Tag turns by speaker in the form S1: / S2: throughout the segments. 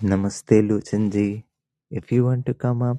S1: Namaste, Luchan ji. If you want to come up,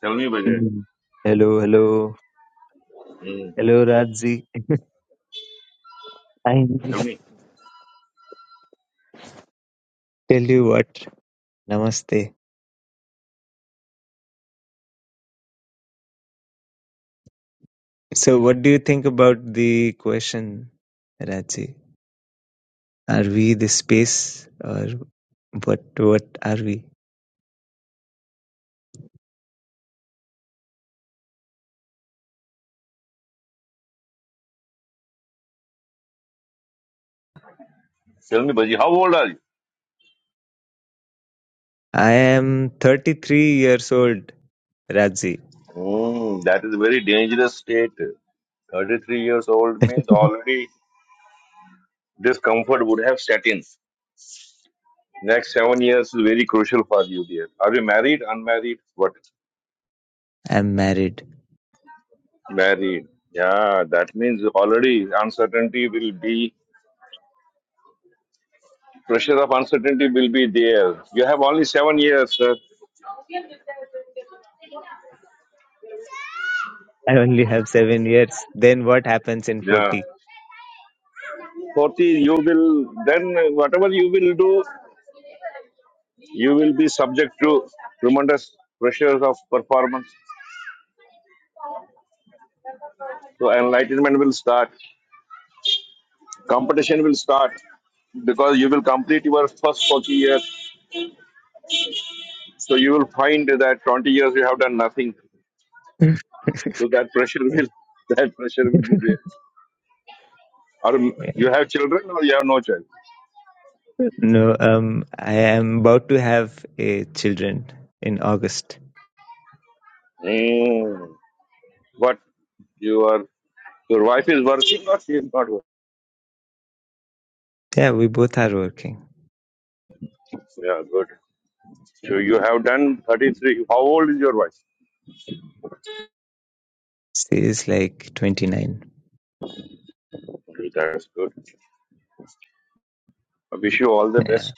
S2: Tell me, Bajay.
S1: Mm. Hello, hello,
S2: Mm.
S1: hello, Radzi. I
S2: Tell me.
S1: tell you what, Namaste. So, what do you think about the question, Radzi? Are we the space, or what? What are we?
S2: Tell me, Bajay, how old are you?
S1: I am 33 years old, Radzi.
S2: Mm, that is a very dangerous state. 33 years old means already discomfort would have set in. Next seven years is very crucial for you, dear. Are you married, unmarried? What?
S1: I'm married.
S2: Married. Yeah, that means already uncertainty will be, pressure of uncertainty will be there. You have only seven years, sir.
S1: I only have seven years. Then what happens in
S2: Yeah.
S1: 40?
S2: 40, you will, then whatever you will do, you will be subject to tremendous pressures of performance. So enlightenment will start, competition will start because you will complete your first 40 years. So you will find that 20 years you have done nothing. So that pressure will, that pressure will be there. Or you have children or you have no child.
S1: No, um, I am about to have a children in August.
S2: Mm. But you are your wife is working or she is not working?
S1: Yeah, we both are working.
S2: Yeah, good. So you have done 33. How old is your wife?
S1: She is like 29.
S2: Okay, That's good. I wish you all the
S1: Yeah.
S2: best.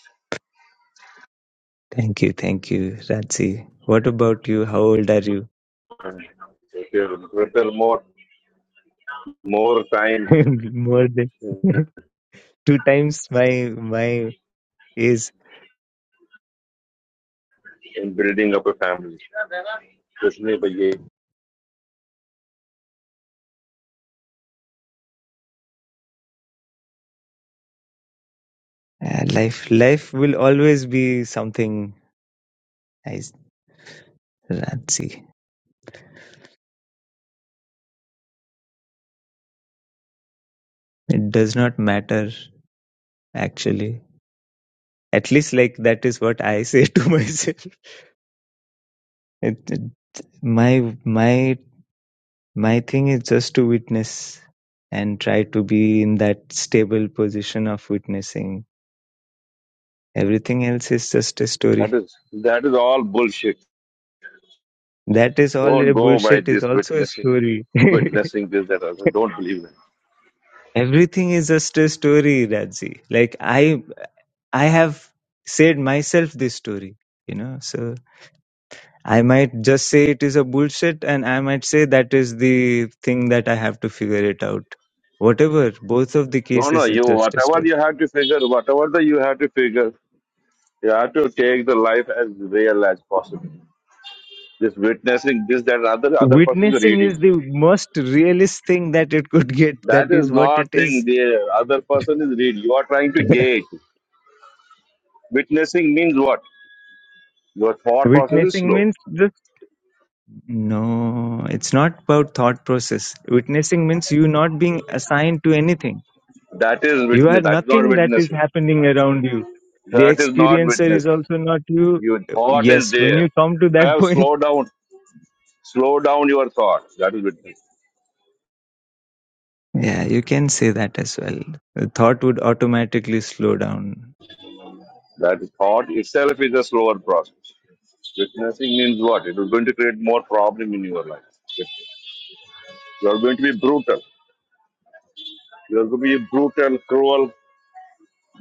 S1: Thank you, thank you, Ratsi. What about you? How old are you?
S2: and Prepare, prepare more, more time
S1: More than
S2: in
S1: two times my my age.
S2: in building up a family. Krishna Bhaiya,
S1: Uh, life life will always be something nice, Ratsi. It does not matter actually. At least like that is what I say to myself. It, it- my my My thing is just to witness and try to be in that stable position of witnessing. Everything else is just a
S2: That
S1: story.
S2: is that is all bullshit.
S1: That is all
S2: Don't
S1: a
S2: go by
S1: bullshit is
S2: this
S1: also a
S2: witnessing,
S1: story.
S2: witnessing this that other. Don't believe it.
S1: Everything is just a story, Radzi. Like I I have said myself this story, you know. So I might just say it is a bullshit, and I might say that is the thing that I have to figure it out. Whatever, both of the
S2: No, no.
S1: cases,
S2: You
S1: it's just a
S2: whatever
S1: story.
S2: you have to figure, whatever the you have to figure, You have to take the life as real as possible. Just witnessing this, that other other person is
S1: Witnessing
S2: reading.
S1: is
S2: you.
S1: the most realist thing that it could get.
S2: That
S1: That
S2: is
S1: is what
S2: not
S1: it
S2: thing
S1: is.
S2: the other person is reading. You are trying to gauge. Witnessing means what? Your thought process is
S1: Witnessing
S2: slow.
S1: means just no, it's not about thought process. Witnessing means you not being assigned to anything.
S2: That is
S1: You are
S2: witness. That is not
S1: nothing that is
S2: witnessing.
S1: happening around you. The
S2: That is not
S1: experiencer is
S2: witnessing.
S1: also not you.
S2: Your thought is
S1: Yes, when
S2: there.
S1: you come to
S2: You
S1: that
S2: have
S1: point,
S2: slow down. Slow down your thought. That is witnessing.
S1: yeah, you can say that as well. The thought would automatically slow down.
S2: That thought itself is a slower process. Witnessing means what? It is going to create more problem in your life. You are going to be brutal. You are going to be a brutal, cruel,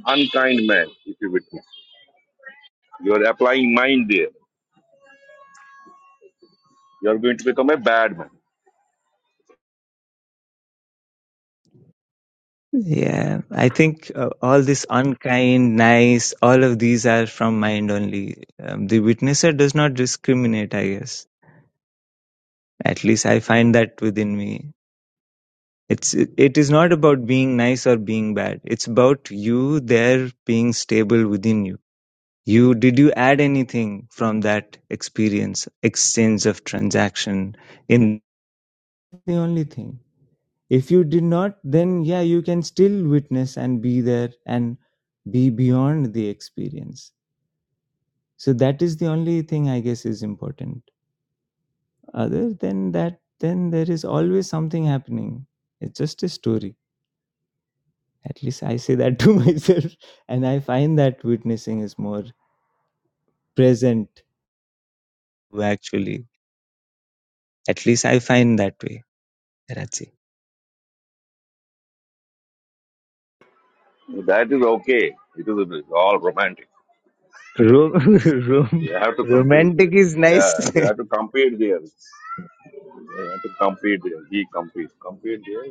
S2: unkind man if you witness. You are applying mind there. You are going to become a bad man.
S1: Yeah, I think uh, all this unkind, nice, all of these are from mind only. Um, the witnesser does not discriminate, I guess. At least I find that within me. It's it is not about being nice or being bad. It's about you there being stable within you. You did you add anything from that experience, exchange of transaction? In the only thing. if you did not then yeah you can still witness and be there and be beyond the experience so that is the only thing i guess is important other than that then there is always something happening it's just a story at least i say that to myself and i find that witnessing is more present actually at least i find that way Rachi.
S2: That is okay. It is it is all romantic.
S1: Ro- rom-
S2: You have to compete
S1: romantic
S2: there.
S1: is
S2: Yeah,
S1: nice
S2: you have to compete there. You have to compete there. He competes. Compete there.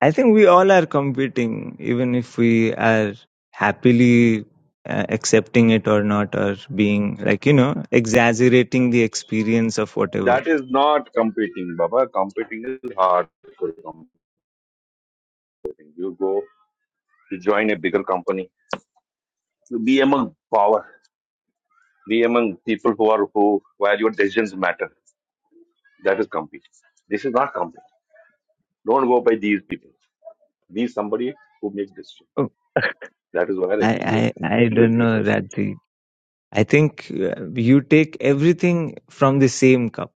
S1: I think we all are competing, even if we are happily uh, accepting it or not, or being like, you know, exaggerating the experience of whatever.
S2: That is not competing, Baba. Competing is hardcore competing. You go to join a bigger company. You be among power. Be among people who are who where your decisions matter. That is company. This is not company. Don't go by these people. Be somebody who makes decisions.
S1: Oh,
S2: That is where actually you will
S1: I, I, I
S2: you will
S1: don't
S2: get
S1: know,
S2: respect.
S1: Radhi. I think uh, you take everything from the same cup.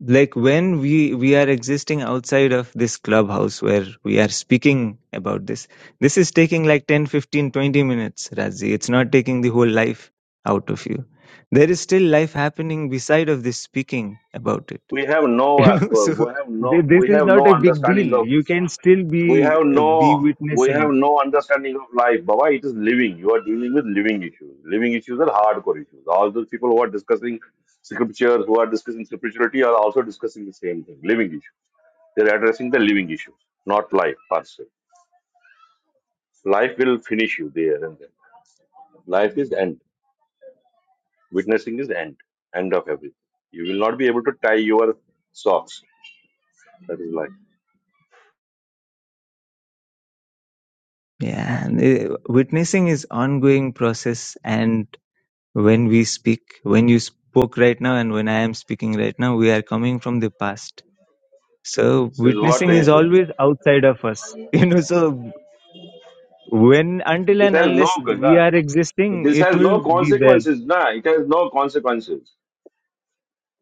S1: like when we we are existing outside of this clubhouse where we are speaking about this this is taking like 10 15 20 minutes razi it's not taking the whole life out of you there is still life happening beside of this speaking about it
S2: We have no
S1: you
S2: uh,
S1: know so
S2: we have no
S1: th- this
S2: we
S1: is
S2: have
S1: not
S2: no
S1: a big deal
S2: understanding of
S1: you can still
S2: we
S1: be
S2: have
S1: uh, be
S2: no we have
S1: witnessing
S2: no understanding of life. Baba, it is living. You are dealing with living issues. Living issues are hardcore issues. All those people who are discussing scriptures, who are discussing spirituality, are also discussing the same thing. Living issues. They are addressing the living issues, not life per se. Life will finish you there and then Life is end. Witnessing is end. End of everything. You will not be able to tie your socks. That is life.
S1: yeah and, uh, witnessing is ongoing process and When we speak, when you spoke right now, and when I am speaking right now, we are coming from the past. So
S2: This is what
S1: witnessing
S2: is.
S1: is always outside of us. You know, so when, until
S2: This
S1: and
S2: has no.
S1: unless we
S2: Na,
S1: are
S2: but
S1: existing,
S2: this
S1: it
S2: has
S1: will
S2: no
S1: be there.
S2: consequences. Na, it has no consequences.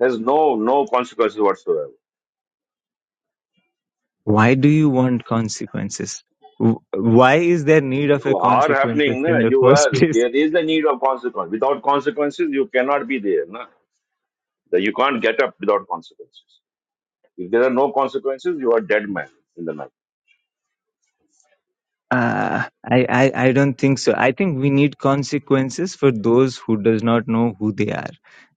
S2: Has no no consequences whatsoever.
S1: Why do you want consequences? Wh- Why is there need of
S2: You
S1: a
S2: are happening.
S1: consequences
S2: Na,
S1: in the
S2: you
S1: first
S2: are.
S1: place?
S2: There is the need of consequence. Without consequences, you cannot be there. Na, that you can't get up without consequences. If there are no consequences, you are dead man in the night.
S1: Uh, I, I, I don't think so. I think we need consequences for those who does not know who they are.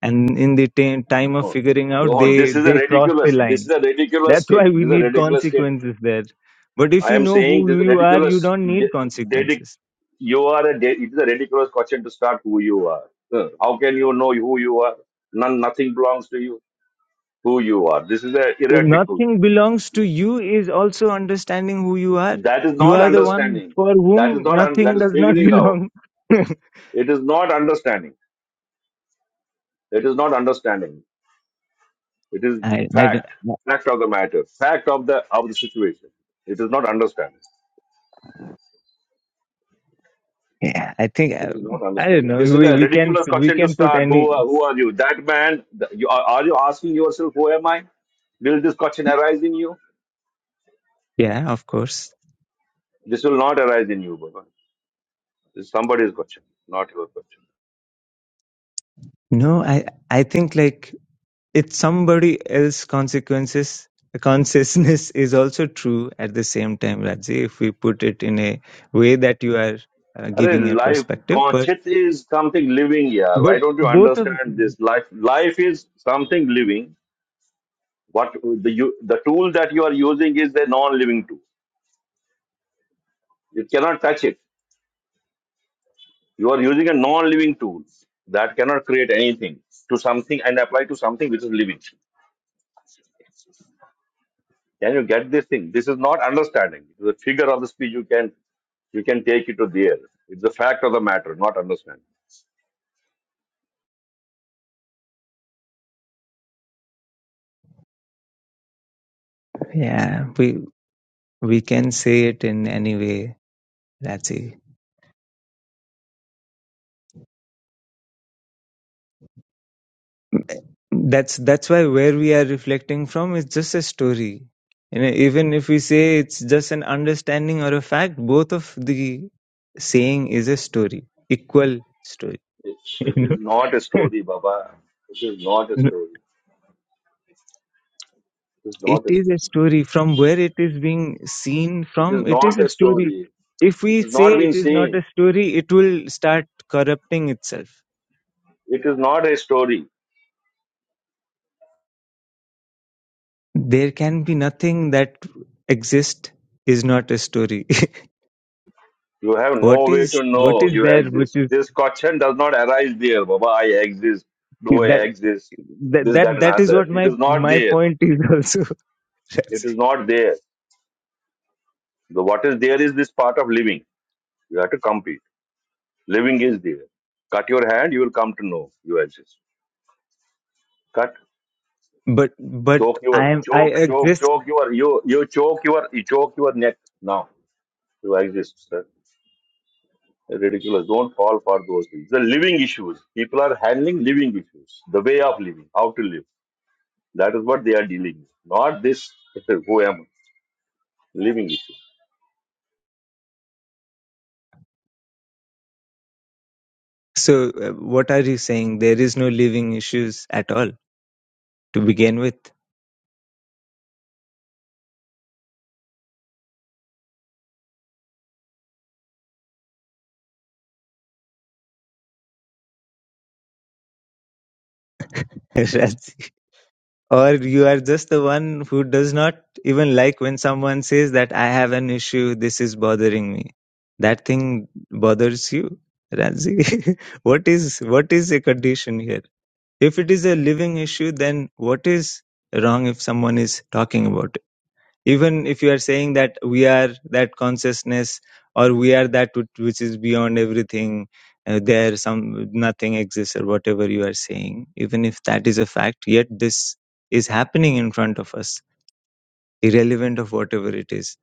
S1: And in the t- time of
S2: No,
S1: figuring out,
S2: no,
S1: they,
S2: this is a
S1: they cross the
S2: ridiculous. This is
S1: line.
S2: a ridiculous
S1: That's
S2: state.
S1: why we
S2: This is a
S1: need
S2: ridiculous state.
S1: consequences there. But if
S2: I
S1: you
S2: am
S1: know
S2: saying
S1: who
S2: this is a
S1: you are, you
S2: ridiculous.
S1: don't need
S2: De- dedic-
S1: consequences.
S2: you are a. De- it is a ridiculous question to start who you are. Huh. How can you know who you are? None, nothing belongs to you. Who you are. This is a
S1: If
S2: heretical.
S1: nothing belongs to you is also understanding who you are.
S2: That is
S1: You
S2: not
S1: are the one
S2: understanding.
S1: for
S2: That is
S1: whom
S2: not. Un- that
S1: nothing
S2: is
S1: does not
S2: figuring out.
S1: belong.
S2: It is not understanding. It is not understanding. It is
S1: I, I, don't-
S2: fact. Fact of the matter. Fact of the of the situation. It is not understanding.
S1: yeah, I think
S2: It is not
S1: um, I don't
S2: understanding.
S1: know.
S2: This is
S1: We,
S2: a
S1: we can
S2: ridiculous
S1: we
S2: question to
S1: can put
S2: start. Who
S1: any.
S2: are, who are you? That man, th- you are, are you asking yourself, who am I? Will this question arise in you?
S1: Yeah, of course.
S2: This will not arise in you, Baba. This is somebody's question, not your question.
S1: No, I I think like it's somebody else consequences consciousness is also true at the same time, Raji. If we put it in a way that you are uh, giving your
S2: Arey, life,
S1: perspective, but
S2: conscious is something living here. Why
S1: but
S2: don't you
S1: both of
S2: understand this? Life, life is something living. What the you, the tool that you are using is a non-living tool. You cannot touch it. You are using a non-living tool that cannot create anything to something and apply to something which is living. Can you get this thing? This is not understanding. It is a figure of the speech you can you can take it to the air. It's the fact of the matter, not understanding.
S1: yeah, we we can say it in any way, Raji. that's that's why where we are reflecting from is just a story you know even if we say it's just an understanding or a fact both of the saying is a story equal story
S2: It, it
S1: you know
S2: is not a story, Baba. It is not a story. It is
S1: it
S2: not a
S1: is a
S2: story.
S1: story from where it is being seen
S2: It is
S1: from it is
S2: not
S1: a
S2: a
S1: story
S2: story.
S1: if
S2: It
S1: we
S2: has
S1: say
S2: not
S1: it
S2: been
S1: is not
S2: seen.
S1: a story it will start corrupting itself
S2: It is not a story.
S1: there can be nothing that exists is not a story
S2: You have
S1: what
S2: no way to
S1: is what
S2: know
S1: is
S2: you
S1: there which
S2: exist.
S1: is
S2: This question does not arise there. Baba, I exist. Do I
S1: that
S2: exist?
S1: that
S2: This, that,
S1: that,
S2: and
S1: that is
S2: other.
S1: what
S2: It
S1: my
S2: is not
S1: my
S2: there.
S1: point is also
S2: It
S1: That's- it.
S2: is not there. The, what is there is this part of living. You have to compete. Living is there. Cut your hand, you will come to know you exist. Cut.
S1: but but
S2: Choke your
S1: i am i
S2: choke, choke,
S1: exist
S2: choke your you you choke your you choke your neck now. You exist, sir. Ridiculous. Don't fall for those things. The living issues. People are handling living issues. The way of living. How to live. That is what they are dealing with, not this who am I, living issue.
S1: so uh, what are you saying there is no living issues at all to begin with That's Or you are just the one who does not even like when someone says that I have an issue, this is bothering me. That thing bothers you, Ranzi. what is what is a condition here? If it is a living issue, then what is wrong if someone is talking about it? even if you are saying that we are that consciousness or we are that which which is beyond everything uh, there some nothing exists or whatever you are saying even if that is a fact yet this is happening in front of us irrelevant of whatever it is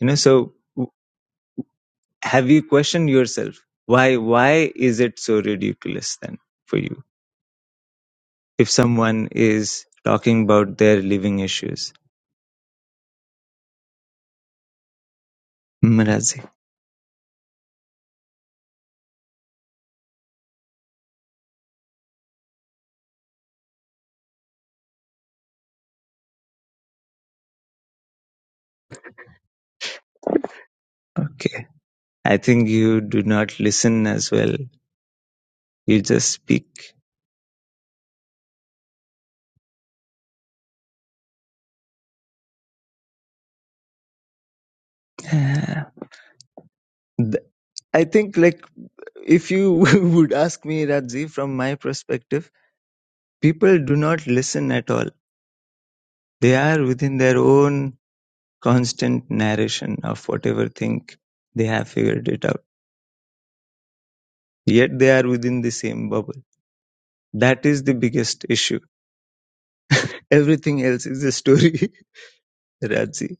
S1: you know so w- have you questioned yourself why why is it so ridiculous then for you if someone is talking about their living issues Mrazi. okay i think you do not listen as well you just speak Uh, th- i think like if you would ask me radzi from my perspective people do not listen at all they are within their own constant narration of whatever thing they have figured it out yet they are within the same bubble that is the biggest issue everything else is a story radzi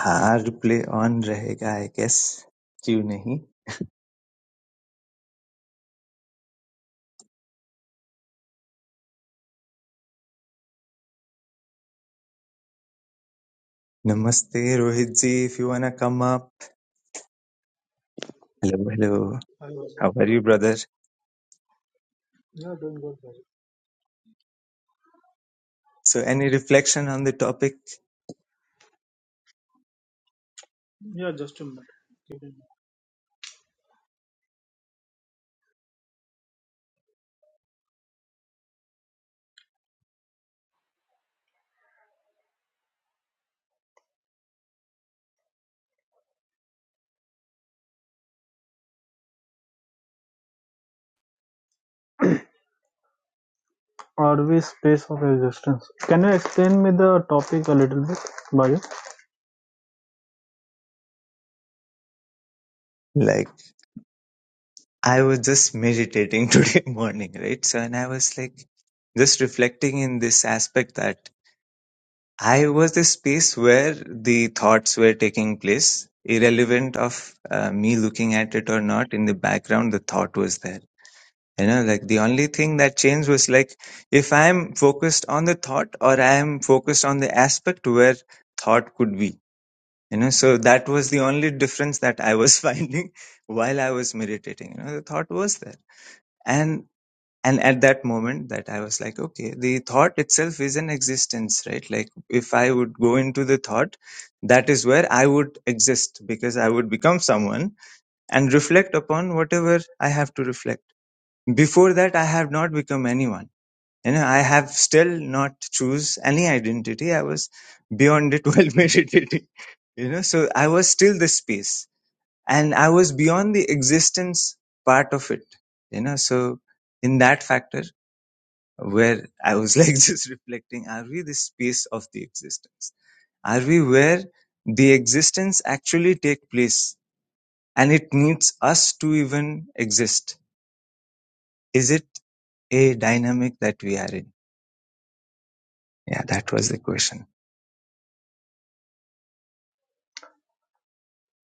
S1: हाँ replay on रहेगा i guess क्यों नहीं Namaste, Rohit ji if you wanna come up hello hello
S3: I was it?
S1: How are you, brother?
S3: yeah doing good. brother.
S1: So, any reflection on the topic?
S3: Yeah, just a minute. Give me a Are we space of existence? Can you explain me the topic a little bit, Bayu?
S1: Like, I was just meditating today morning, right? So, and I was like, just reflecting in this aspect that I was the space where the thoughts were taking place, irrelevant of uh, me looking at it or not. In the background, the thought was there. You know, like the only thing that changed was like if I'm focused on the thought or I am focused on the aspect where thought could be you know so that was the only difference that i was finding while i was meditating you know the thought was there and and at that moment that i was like okay the thought itself is an existence right like if i would go into the thought that is where i would exist because i would become someone and reflect upon whatever i have to reflect before that i have not become anyone you know, I have still not choose any identity. I was beyond it while meditating. You know, so I was still the space and I was beyond the existence part of it. You know, so in that factor where I was like just reflecting, are we the space of the existence? Are we where the existence actually take place and it needs us to even exist? Is it a dynamic that we are in? Yeah, that was the question.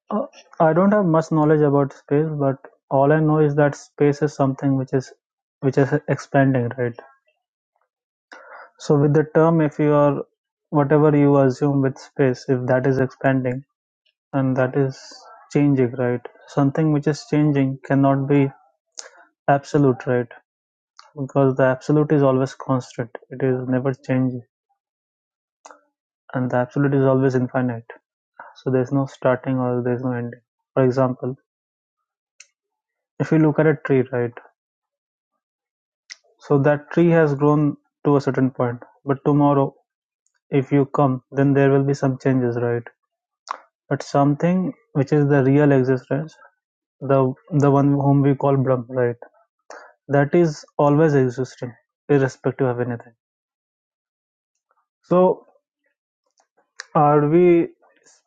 S3: Uh, I don't have much knowledge about space, but all I know is that space is something which is which is expanding, right? So with the term, if you are whatever you assume with space, if that is expanding and that is changing, right? Something which is changing cannot be absolute, right? Because the absolute is always constant; it is never changing. and the absolute is always infinite. So there's no starting or there's no ending. For example, if you look at a tree, right? So that tree has grown to a certain point, but tomorrow, if you come, then there will be some changes, right? But something which is the real existence, the the one whom we call Brahm, right? That is always existing, irrespective of anything. So are we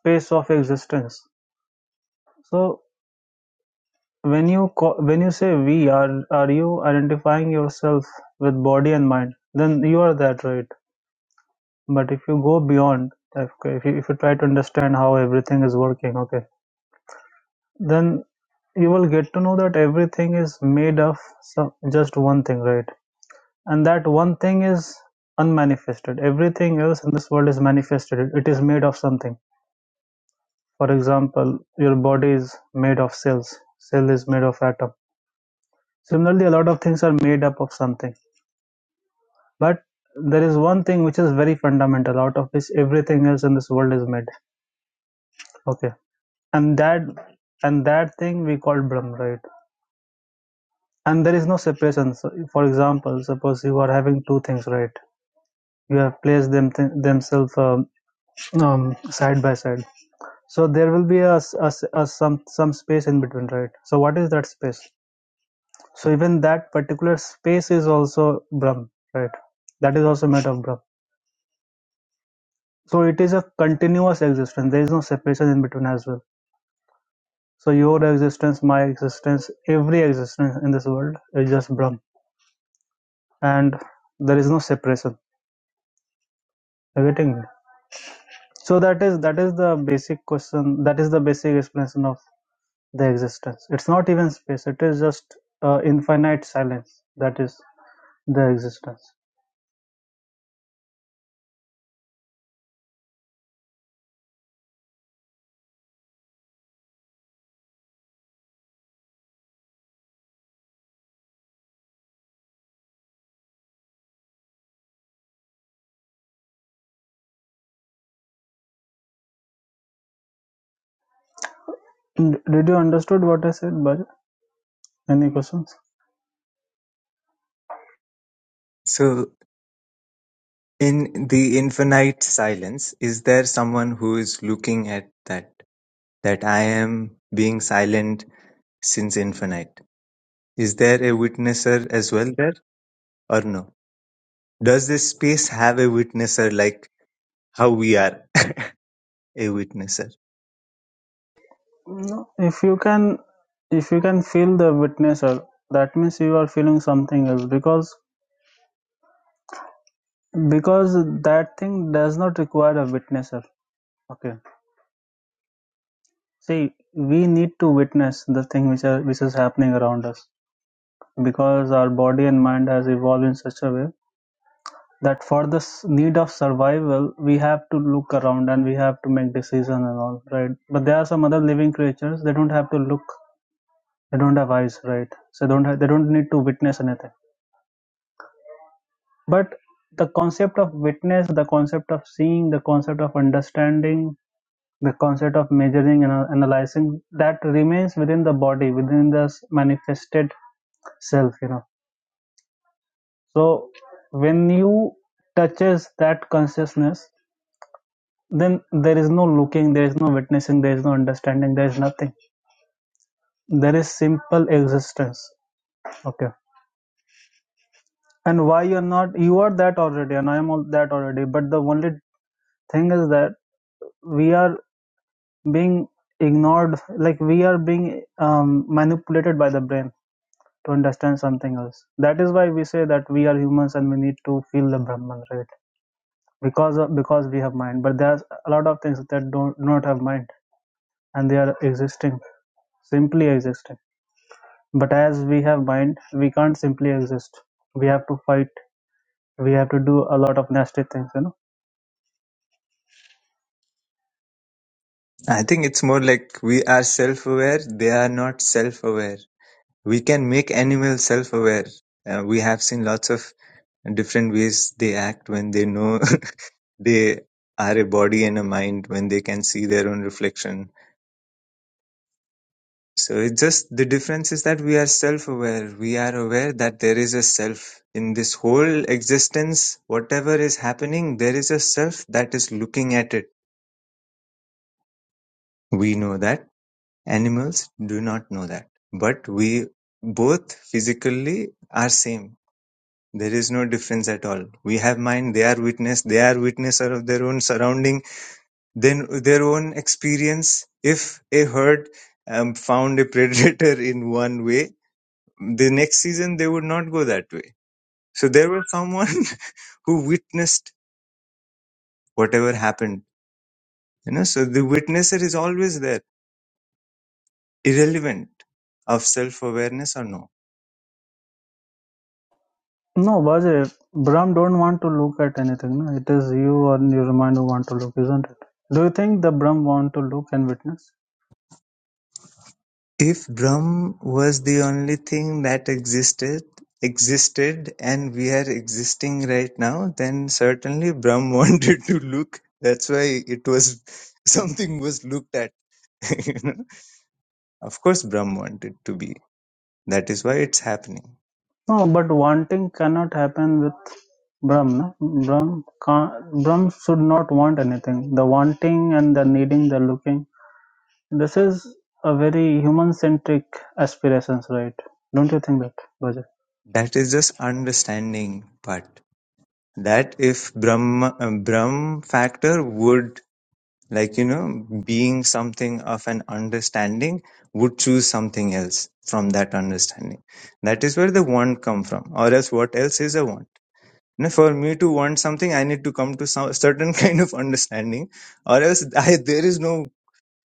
S3: space of existence? So When you call, when you say "we" are are you identifying yourself with body and mind? Then you are that right. But if you go beyond, if if you, if you try to understand how everything is working, okay, then you will get to know that everything is made of some, just one thing, right? And that one thing is unmanifested. Everything else in this world is manifested. It is made of something. For example, your body is made of cells. Cell is made of atom. Similarly, a lot of things are made up of something But there is one thing which is very fundamental, out of which everything else in this world is made. Okay, and that and that thing we call Brahm, right? And there is no separation. So, for example, suppose you are having two things, right? You have placed them th- themselves um, um, side by side. So there will be a a a some some space in between, right? So what is that space? So even that particular space is also Brahm, right? That is also made of Brahm So it is a continuous existence. There is no separation in between as well. So your existence, my existence, every existence in this world is just Brahm, and there is no separation. Are you getting me? So that is that is the basic question. That is the basic explanation of the existence. It's not even space. It is just uh, infinite silence. That is the existence. D- Did you understood what I said, Bhaja? Any questions?
S1: So In the infinite silence, is there someone who is looking at that? That I am being silent since infinite. Is there a witnesser as well there or no? Does this space have a witnesser like how we are a witnesser?
S3: No, if you can if you can feel the witnesser that means you are feeling something else because because that thing does not require a witnesser okay see we need to witness the thing which are, which is happening around us because our body and mind has evolved in such a way that for the s- need of survival we have to look around and we have to make decisions and all right but there are some other living creatures they don't have to look they don't have eyes right so don't have, they don't need to witness anything But the concept of witness, the concept of seeing, the concept of understanding, the concept of measuring and a- analyzing, that remains within the body, within the s- manifested self, you know. So when you touches that consciousness, then there is no looking, there is no witnessing, there is no understanding, there is nothing. There is simple existence. Okay. And why you're not you are that already and I am all that already. But the only thing is that we are being ignored like we are being um, manipulated by the brain to understand something else that is why we say that we are humans and we need to feel the brahman right because of, because we have mind but there's a lot of things that don't do not have mind and they are existing simply existing but as we have mind we can't simply exist we have to fight we have to do a lot of nasty things you know
S1: I think it's more like we are self aware, they are not self aware. We can make animals self aware. Uh, we have seen lots of different ways they act when they know they are a body and a mind when they can see their own reflection. So it's just the difference is that we are self aware. We are aware that there is a self. In this whole existence, whatever is happening, there is a self that is looking at it. We know that. Animals do not know that. But we both physically are same. There is no difference at all. We have mind, they are witness, they are witnesser of their own surrounding then their own experience if a herd um, found a predator in one way the next season they would not go that way so there was someone who witnessed whatever happened you know so the witnesser is always there irrelevant of self awareness or no
S3: No, Bajay, Brahm don't want to look at anything. No? It is you and your mind who want to look, isn't it? Do you think the Brahm want to look and witness?
S1: If drum was the only thing that existed existed and we are existing right now, then certainly Brahm wanted to look. That's why it was something was looked at. you know? Of course Brahm wanted to be. That is why it's happening.
S3: No, but wanting cannot happen with Brahm. No? Brahm, can't, Brahm should not want anything. The wanting and the needing, the looking. This is a very human-centric aspirations, right? Don't you think that, Bajay?
S1: That is just understanding part. That if Brahma, Brahm factor would like you know being something of an understanding would choose something else from that understanding that is where the want come from or else what else is a want now for me to want something i need to come to some certain kind of understanding or else I, there is no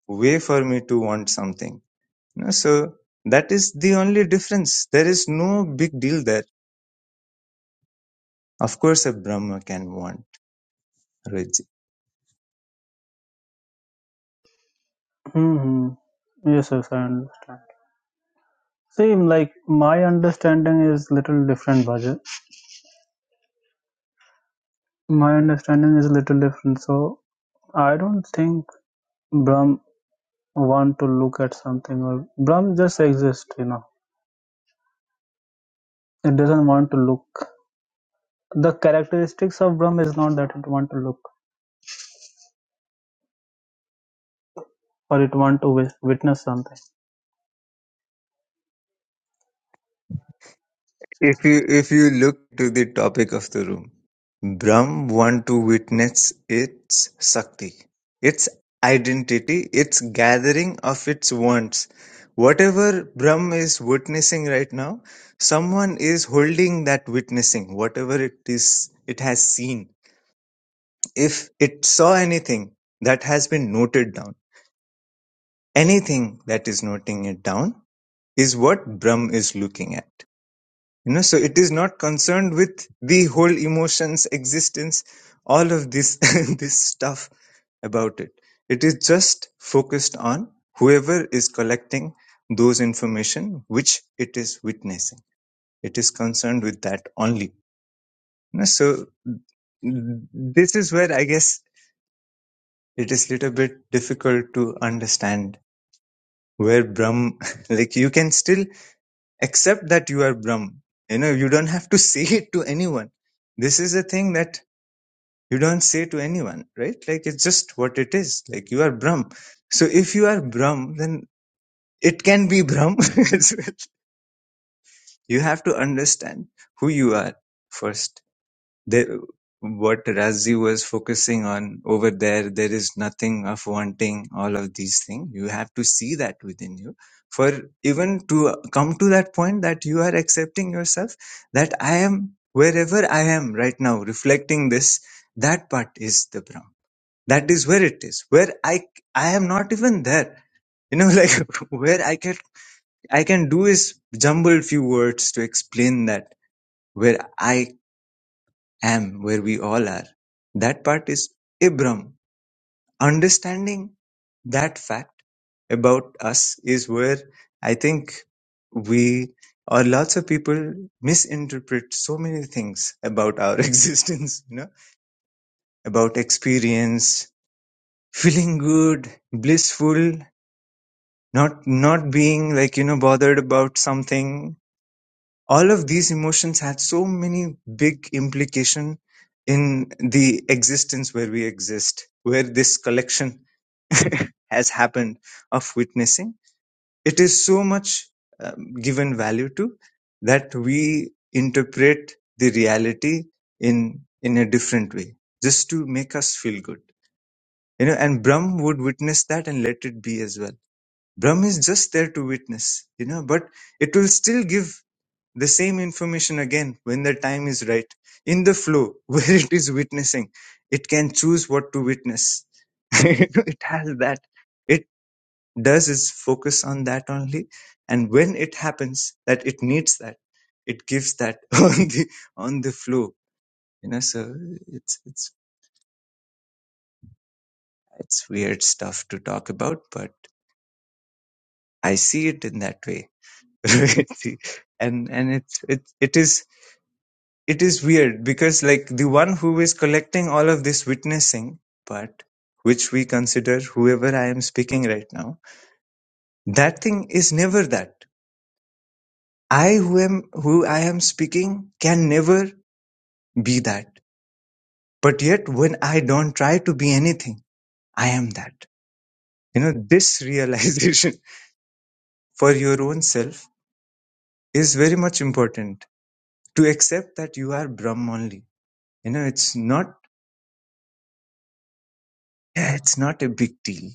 S1: way for me to want something you know, so that is the only difference there is no big deal there of course a brahma can want Rohit ji.
S3: hmm Yes, yes, I understand. Same, like my understanding is little different, Bajay. My understanding is a little different. So I don't think Brahm want to look at something or Brahm just exists, you know. It doesn't want to look. The characteristics of Brahm is not that it want to look or it want to wis- witness something.
S1: If you if you look to the topic of the room, Brahm want to witness its Sakti, its identity, its gathering of its wants. Whatever Brahm is witnessing right now, someone is holding that witnessing, whatever it is it has seen. If it saw anything that has been noted down, anything that is noting it down is what Brahm is looking at. you know so it is not concerned with the whole emotions existence all of this this stuff about it it is just focused on whoever is collecting those information which it is witnessing it is concerned with that only You know, so this is where i guess it is little bit difficult to understand where brahm like you can still accept that you are Brahm. You know, you don't have to say it to anyone. This is a thing that you don't say to anyone, right? Like it's just what it is. Like you are Brahm. So if you are Brahm, then it can be Brahm as well. You have to understand who you are first. There, what Razi was focusing on over there, there is nothing of wanting all of these things. You have to see that within you. For even to come to that point that you are accepting yourself, that I am wherever I am right now, reflecting this, that part is the Brahman. That is where it is, where I I am not even there you know like where i can i can do is jumble few words to explain that where i am where we all are. That part is Ibram. Understanding that fact about us is where I think we or lots of people misinterpret so many things about our existence, you know, about experience, feeling good, blissful, not not being like, you know, bothered about something all of these emotions had so many big implication in the existence where we exist where this collection has happened of witnessing it is so much um, given value to that we interpret the reality in in a different way just to make us feel good you know and brahm would witness that and let it be as well brahm is just there to witness you know but it will still give the same information again when the time is right in the flow where it is witnessing it can choose what to witness it has that it does is focus on that only and when it happens that it needs that it gives that on the on the flow you know so it's it's it's weird stuff to talk about but i see it in that way and and it's it it is It is weird because like the one who is collecting all of this witnessing part, which we consider whoever I am speaking right now, that thing is never that. I who am who I am speaking can never be that. But yet when I don't try to be anything, I am that. You know, this realization for your own self is very much important to accept that you are Brahm only. You know, it's not, yeah, it's not a big deal.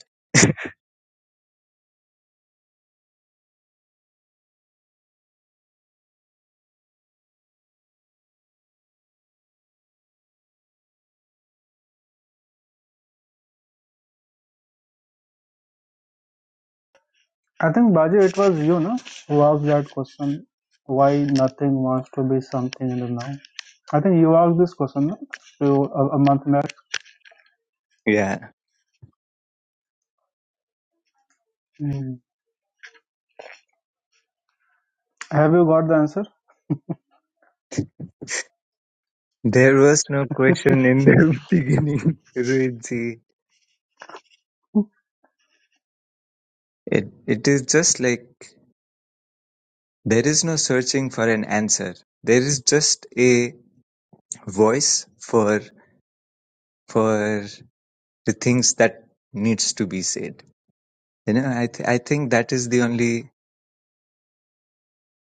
S3: I think Baji, it was you, no, who asked that question. Why nothing wants to be something in the now? I think you asked this question no? So, a, a month back.
S1: Yeah.
S3: Mm. Have you got the answer?
S1: There was no question in the beginning, Ruiji. It, it is just like there is no searching for an answer. There is just a voice for for the things that needs to be said. You know, I th- I think that is the only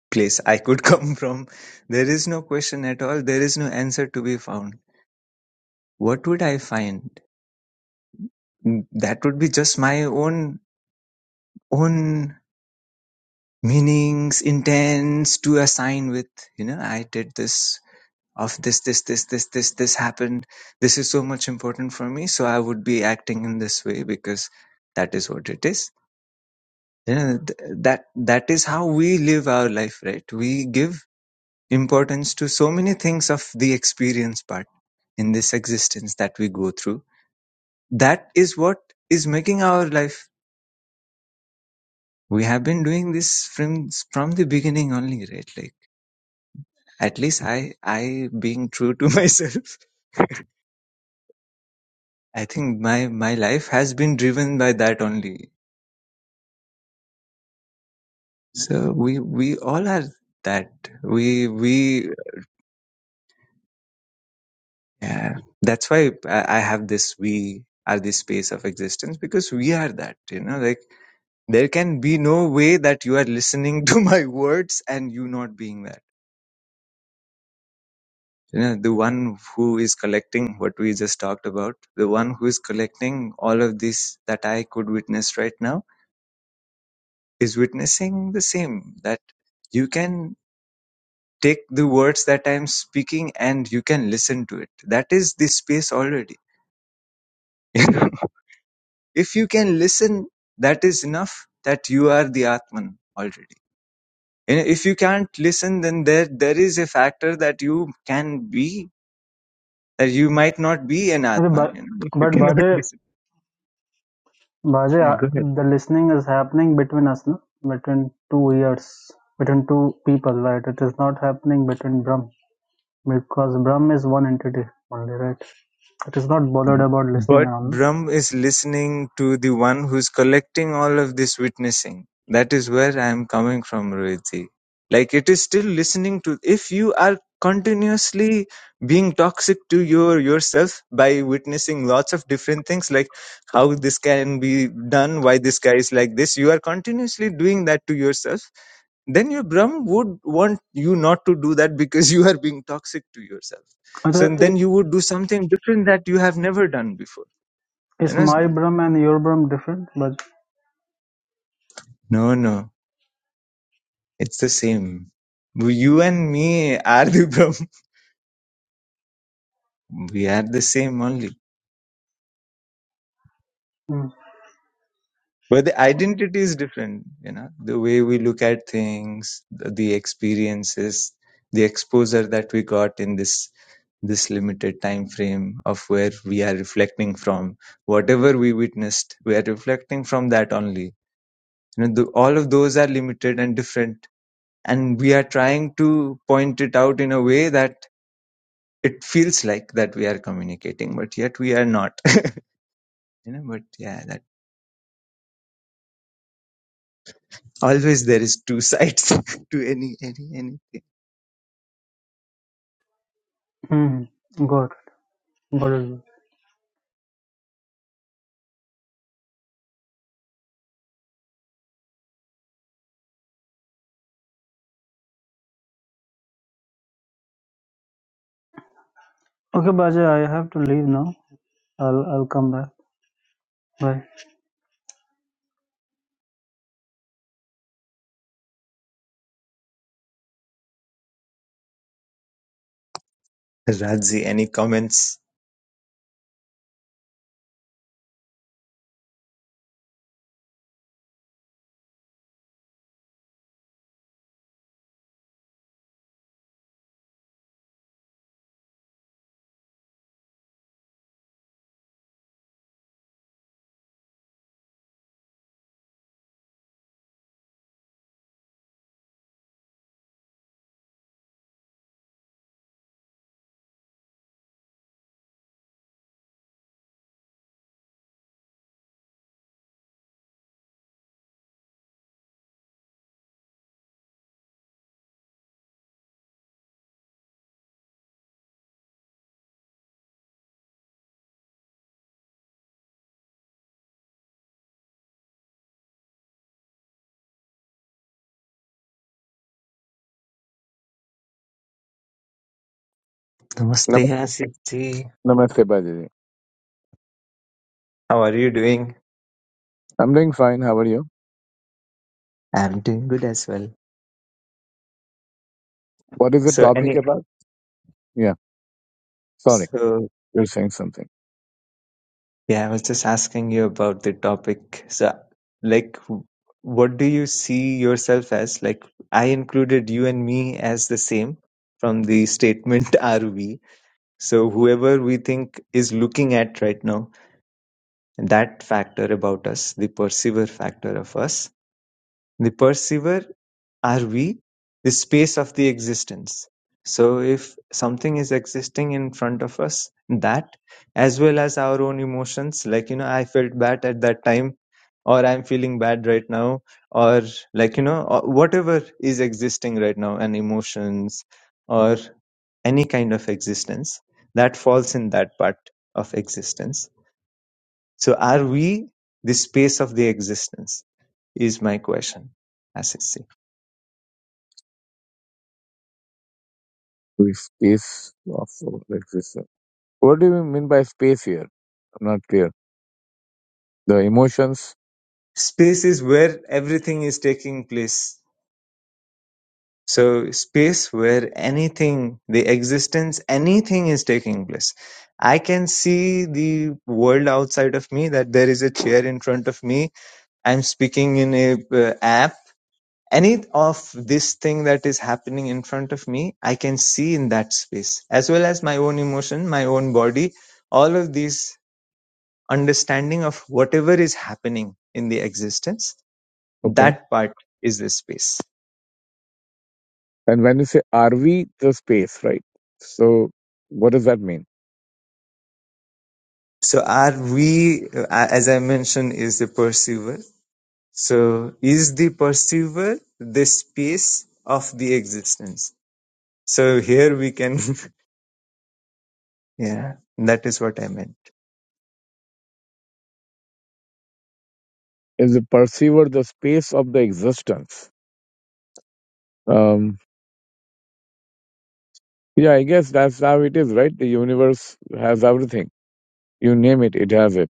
S1: place I could come from. There is no question at all. There is no answer to be found. What would I find? That would be just my own own meanings, intents to assign with, you know, I did this of this, this, this, this, this, this happened. This is so much important for me. So I would be acting in this way because that is what it is. You know, th- that, that is how we live our life, right? We give importance to so many things of the experience part in this existence that we go through. That is what is making our life. We have been doing this from, from the beginning only, right? Like, At least I, I being true to myself, I think my, my life has been driven by that only. So we, we all are that. We, we, yeah. That's why I, I have this, we are this space of existence because we are that, you know, like there can be no way that you are listening to my words and you not being that you know the one who is collecting what we just talked about the one who is collecting all of this that i could witness right now is witnessing the same that you can take the words that i'm speaking and you can listen to it that is the space already you know if you can listen that is enough that you are the atman already and if you can't listen then there there is a factor that you can be that you might not be an
S3: Okay,
S1: atman
S3: but
S1: you know you
S3: but
S1: cannot
S3: Bajay,
S1: listen yeah,
S3: Bajay,
S1: go ahead
S3: the listening is happening between us, na? between two ears, between two people, right? It is not happening between Brahm because Brahm is one entity only, right? It is not bothered about listening
S1: But
S3: and all.
S1: Brahm is listening to the one who's collecting all of this witnessing. That is where I am coming from, Rohiti. Like it is still listening to if you are continuously being toxic to your yourself by witnessing lots of different things like how this can be done why this guy is like this you are continuously doing that to yourself then your brahm would want you not to do that because you are being toxic to yourself
S3: No?
S1: so
S3: Achha,
S1: then
S3: i-
S1: you would do something different that you have never done before you
S3: is
S1: know
S3: my Brahm and your Brahm different? But
S1: no no it's the same you and me are the brahm we are the same only
S3: mm,
S1: But the identity is different, you know, the way we look at things, the, the experiences, the exposure that we got in this this limited time frame of where we are reflecting from whatever we witnessed we are reflecting from that only you know the, all of those are limited and different and we are trying to point it out in a way that it feels like that we are communicating but yet we are not you know but yeah that always there is two sides to any any any.
S3: mm, good, good. Okay, Bajay, I have to leave now. I'll I'll come back. Bye.
S1: Rajji, any comments?
S4: Nam-
S1: Namaste, Asif ji.
S4: Namaste, Bajaji.
S1: How are you doing?
S4: I'm doing fine. How are you?
S1: I'm doing good as well.
S4: What is the
S1: So,
S4: topic
S1: any,
S4: about? Yeah, sorry.
S1: so
S4: You're saying something.
S1: yeah, I was just asking you about the topic. So, like, w- what do you see yourself as? Like, I included you and me as the same from the statement RV. So, whoever we think is looking at right now, that factor about us, the perceiver factor of us, the perceiver are we the space of the existence so if something is existing in front of us that as well as our own emotions like you know i felt bad at that time or i'm feeling bad right now or like you know or whatever is existing right now and emotions or any kind of existence that falls in that part of existence so are we the space of the existence is my question as it seems.
S4: The space of existence. What do you mean by space here? I'm not clear. The emotions.
S1: Space is where everything is taking place. So space where anything, the existence, anything is taking place. I can see the world outside of me that there is a chair in front of me. I'm speaking in a uh, app. Any of this thing that is happening in front of me, I can see in that space, as well as my own emotion, my own body, all of these understanding of whatever is happening in the existence.
S4: Okay.
S1: That part is the space.
S4: And when you say, are we the space, right? So what does that mean?
S1: So our we, uh, as I mentioned, is the perceiver. So is the perceiver the space of the existence? So here we can, yeah, that is what I meant.
S4: Is the perceiver the space of the existence? Um, yeah, I guess that's how it is, right? The universe has everything. You name it, it has it.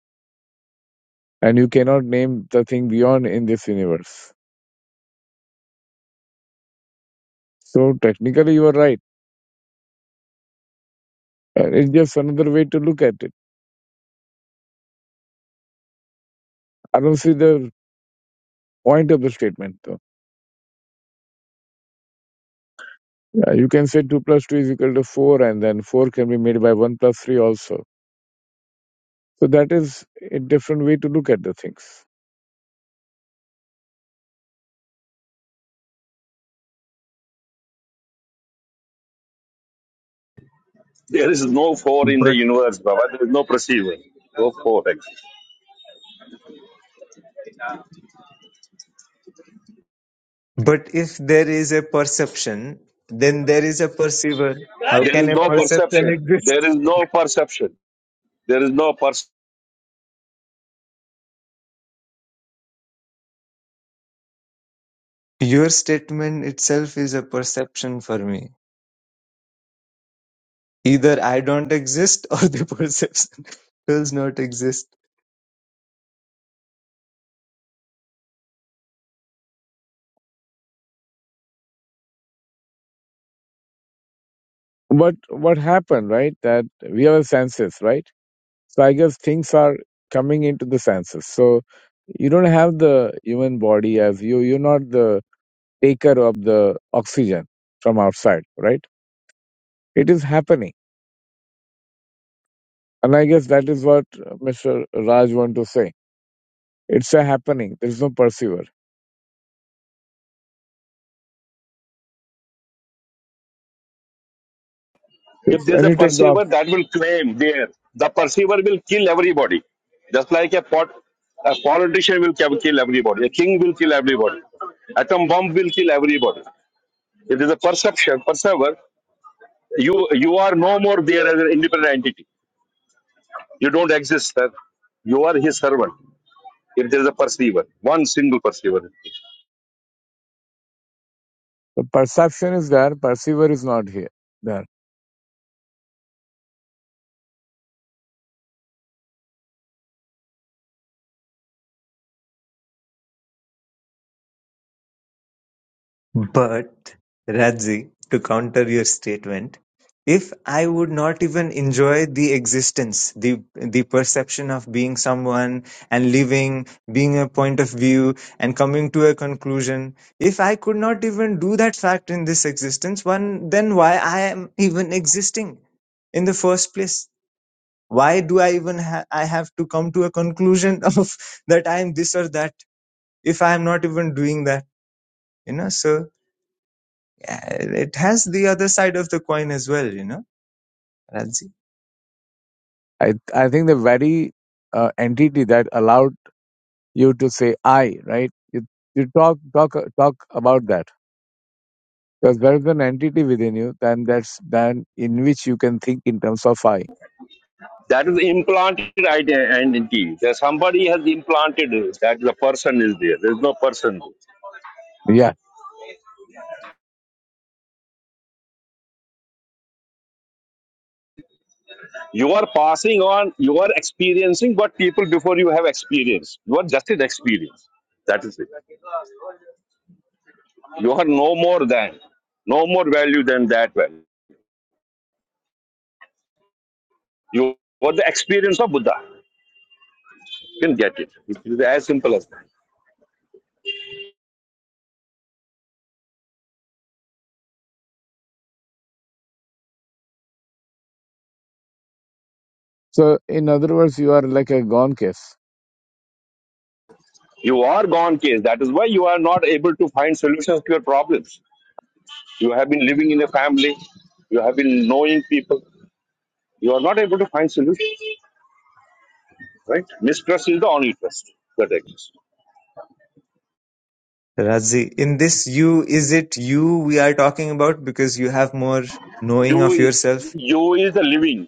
S4: And you cannot name the thing beyond in this universe. So technically, you are right. Uh, It's just another way to look at it. I don't see the point of the statement, though. Yeah, you can say 2 plus 2 is equal to 4, and then 4 can be made by 1 plus 3 also. So that is a different way to look at the things.
S2: There is no four in the
S1: But
S2: universe, Baba. There is no perceiver. No four exists.
S1: but if there is a perception, then there is a perceiver. How
S2: There is
S1: can a
S2: no
S1: perception
S2: perception.
S1: exist?
S2: There is no perception. There is no perception.
S1: Your statement itself is a perception for me. Either I don't exist or the perception does not exist.
S4: But what happened, right, that we have senses, right? So I guess things are coming into the senses. So you don't have the human body as you, you're not the taker of the oxygen from outside, right? It is happening And I guess that is what uh, Mr. Raj want to say. It's a happening. There's no perceiver. It's-
S2: If there is
S4: When
S2: a
S4: you take the, off,
S2: perceiver, that will claim there. The perceiver will kill everybody. Just like a pot, a politician will ki- kill everybody. A king will kill everybody. Atom bomb will kill everybody. If there is a perception, perceiver. You you are no more there as an independent entity You don't exist, sir. You are his servant. If there is a perceiver, one single perceiver,
S4: the perception is there, perceiver is not here. There.
S1: But, Radzi, to counter your statement, if I would not even enjoy the existence, the the perception of being someone and living, being a point of view and coming to a conclusion, if I could not even do that fact in this existence, one then why I am even existing in the first place? Why do I even ha- I have to come to a conclusion of that I am this or that if I am not even doing that? You know, so uh, it has the other side of the coin as well, you know, Radzi.
S4: I, I think the very uh, entity that allowed you to say I, right? You, you talk, talk, talk about that. Because there is an entity within you, then that's, then in which you can think in terms of I.
S2: that is implanted ide- identity. That somebody has implanted it, that the person is there. There is no person.
S4: Yeah.
S2: You are passing on. You are experiencing what people before you have experienced. You are just an experience. That is it. You are no more than, no more value than that value. You are the experience of Buddha. You can get it. It is as simple as that.
S4: So in other words, you are like a gone case.
S2: You are gone case. That is why you are not able to find solutions to your problems. You have been living in a family. You have been knowing people. You are not able to find solutions, right? Mistrust is the only trust that exists.
S1: Radzi, in this you, is it you we are talking about because you have more knowing
S2: You,
S1: of
S2: is-
S1: yourself?
S2: you is the living.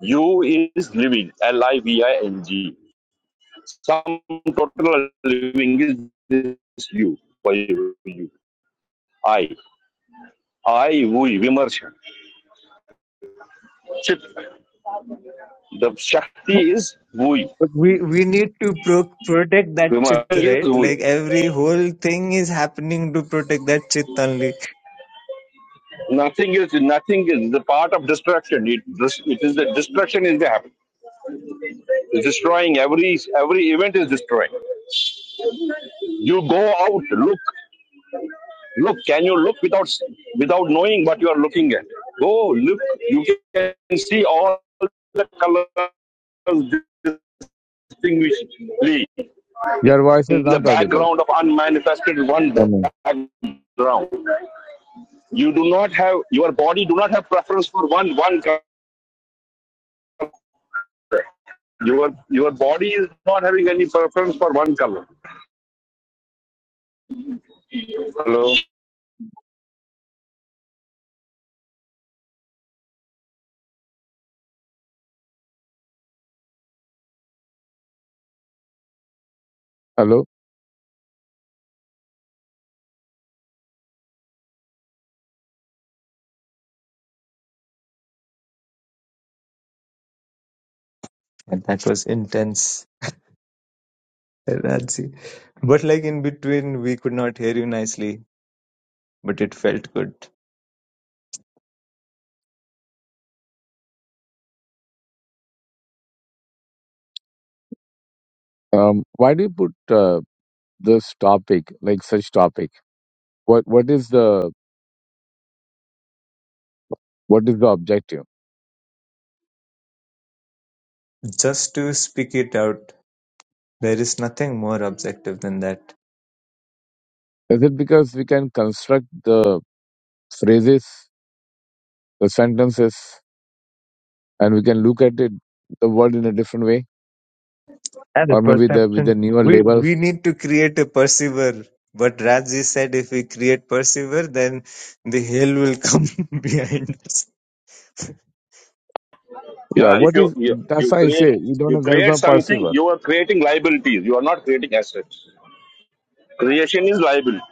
S2: You is living. L I V I N G. Some total living is this you. For you? you. I. I, we, Vimarsha. Chit. The
S4: No.
S2: Shakti is we.
S1: But we, we need to pro- protect that chit,
S2: Vimarsha is
S1: right?
S2: we.
S1: Like every whole thing is happening to protect that chit only.
S2: Nothing is nothing is the part of destruction. It it is the destruction is the happen. It's destroying every every event is destroying. You go out, look, look. Can you look without without knowing what you are looking at? Go look. You can see all the colors distinguishably
S4: Your voice is
S2: in the
S4: not audible.
S2: background of unmanifested one
S4: Coming.
S2: background. You do not have your body do not have preference for one one color. your your body is not having any preference for one color. Hello.
S4: Hello.
S1: And That was intense, Radzi. But like in between, we could not hear you nicely, but it felt good.
S4: Um, why do you put uh, this topic, like such topic? What what is the what is the objective?
S1: Just to speak it out, there is nothing more objective than that.
S4: Is it because we can construct the phrases, the sentences, and we can look at it the world in a different way,
S1: And the
S4: or maybe the with
S1: perception.
S4: the newer
S1: We we
S4: labels?
S1: need to create a perceiver. But Rajji said if we create perceiver, then the hell will come behind us.
S4: Yeah,
S2: Yeah, if
S4: what
S2: you
S4: is
S2: you,
S4: that's
S2: you
S4: why I
S2: create
S4: say you don't
S2: you
S4: have there is
S2: create
S4: no
S2: something,
S4: perceiver.
S2: you are creating liabilities. You are not creating assets. Creation is liability.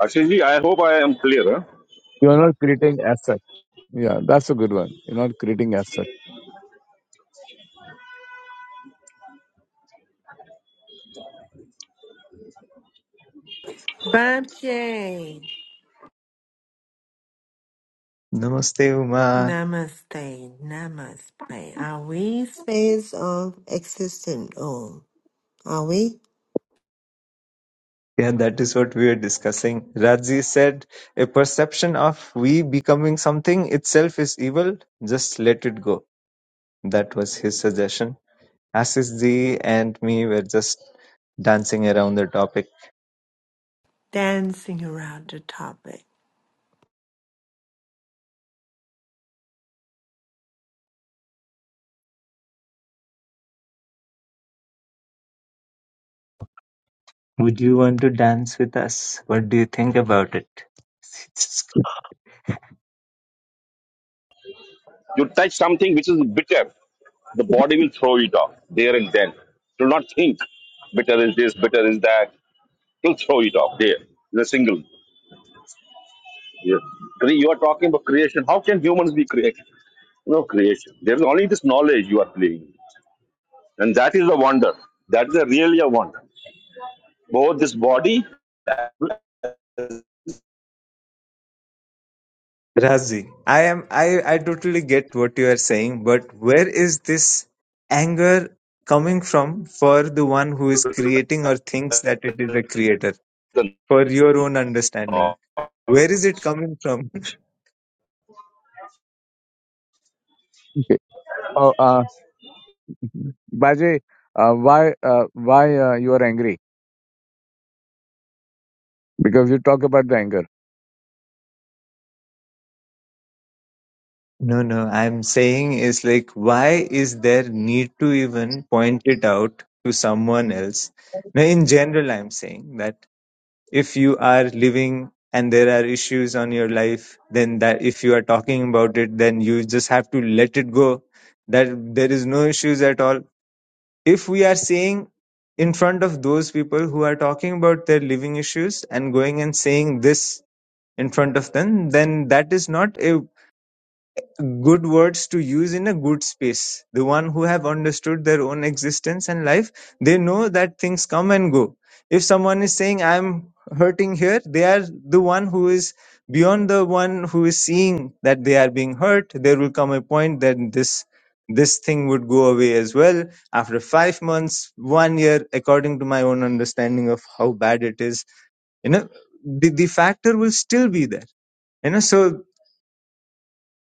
S2: Ashishji, I hope I am clear. Huh?
S4: You are not creating asset. Yeah, that's a good one. You're not creating asset.
S5: Bamche.
S1: Namaste, Uma.
S5: Namaste. Namaste. Are we space of existent All are we
S1: Yeah, that is what we are discussing. Rajji said a perception of we becoming something itself is evil. Just let it go. That was his suggestion. Asis ji and me were just dancing around the topic.
S5: dancing around the topic?
S1: Would you want to dance with us? What do you think about it?
S2: You touch something which is bitter, the body will throw it off there and then. Do not think bitter is this, bitter is that. You'll throw it off there. The single. Yeah. Cre- You are talking about creation. How can humans be created? No creation. There is only this knowledge you are playing. And that is a wonder. That is a really a wonder. Both this body,
S1: Razi, I am I, I totally get what you are saying, but where is this anger coming from for the one who is creating or thinks that it is a creator?
S2: the
S1: For your own understanding. Where is it coming from?
S4: Okay. Oh, uh, Bajay, uh, why uh, why uh, you are angry? Because you talk about the anger.
S1: No, no, I'm saying is like why is there need to even point it out to someone else? Now in general I'm saying that if you are living and there are issues on your life then that if you are talking about it then you just have to let it go that there is no issues at all if we are saying in front of those people who are talking about their living issues and going and saying this in front of them then that is not a good words to use in a good space. The one who have understood their own existence and life, they know that things come and go. If someone is saying, I'm hurting here, they are the one who is beyond the one who is seeing that they are being hurt. There will come a point that this this thing would go away as well after five months, one year, according to my own understanding of how bad it is. You know, the, the factor will still be there. You know, so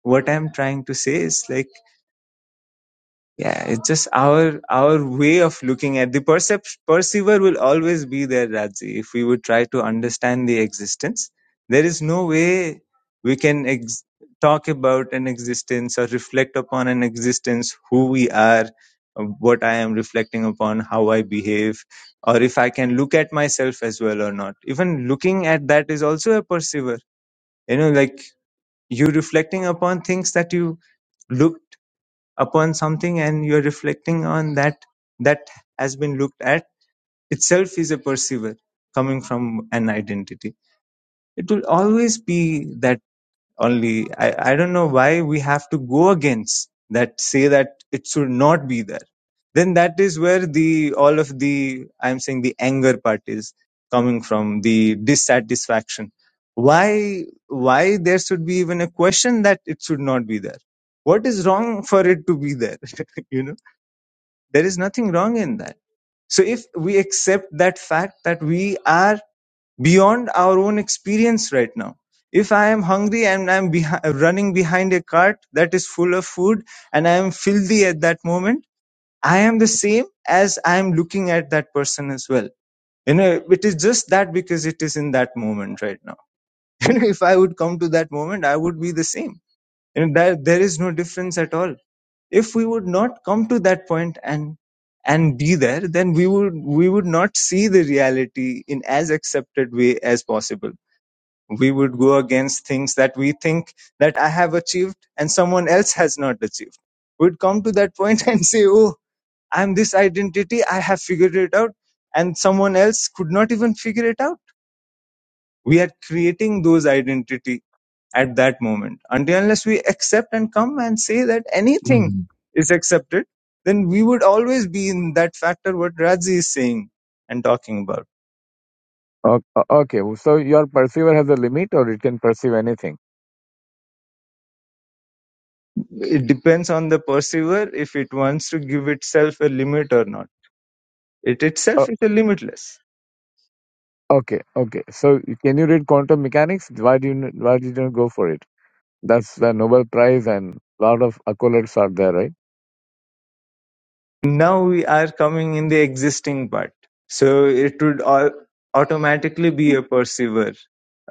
S1: what I'm trying to say is like Yeah, it's just our our way of looking at the percept perceiver will always be there, Raji. If we would try to understand the existence, there is no way we can ex- talk about an existence or reflect upon an existence, who we are, uh, what I am reflecting upon, how I behave, or if I can look at myself as well or not. Even looking at that is also a perceiver. You know, like you reflecting upon things that you look upon something and you're reflecting on that that has been looked at itself is a perceiver coming from an identity it will always be that only I, I don't know why we have to go against that say that it should not be there then that is where the all of the i'm saying the anger part is coming from the dissatisfaction why why there should be even a question that it should not be there what is wrong for it to be there you know there is nothing wrong in that. So if we accept that fact that we are beyond our own experience right now, if I am hungry and I'm behi- running behind a cart that is full of food and I am filthy at that moment, I am the same as I am looking at that person as well. You know, it is just that because it is in that moment right now. You know, if I would come to that moment, I would be the same. You know, there, there is no difference at all if we would not come to that point and and be there then we would we would not see the reality in as accepted way as possible we would go against things that we think that i have achieved and someone else has not achieved we'd come to that point and say oh i'm this identity i have figured it out and someone else could not even figure it out we are creating those identity at that moment. Until unless we accept and come and say that anything is accepted, then we would always be in that factor what Raji is saying and talking about.
S4: O- o- Okay, so your perceiver has a limit or it can perceive anything.
S1: It depends on the perceiver if it wants to give itself a limit or not. It
S4: O-
S1: itself is a limitless.
S4: Okay, okay. So can you read quantum mechanics? Why do you n- why did you go for it? That's the Nobel Prize and a lot of accolades are there, right?
S1: Now we are coming in the existing part. So it would au- automatically be a perceiver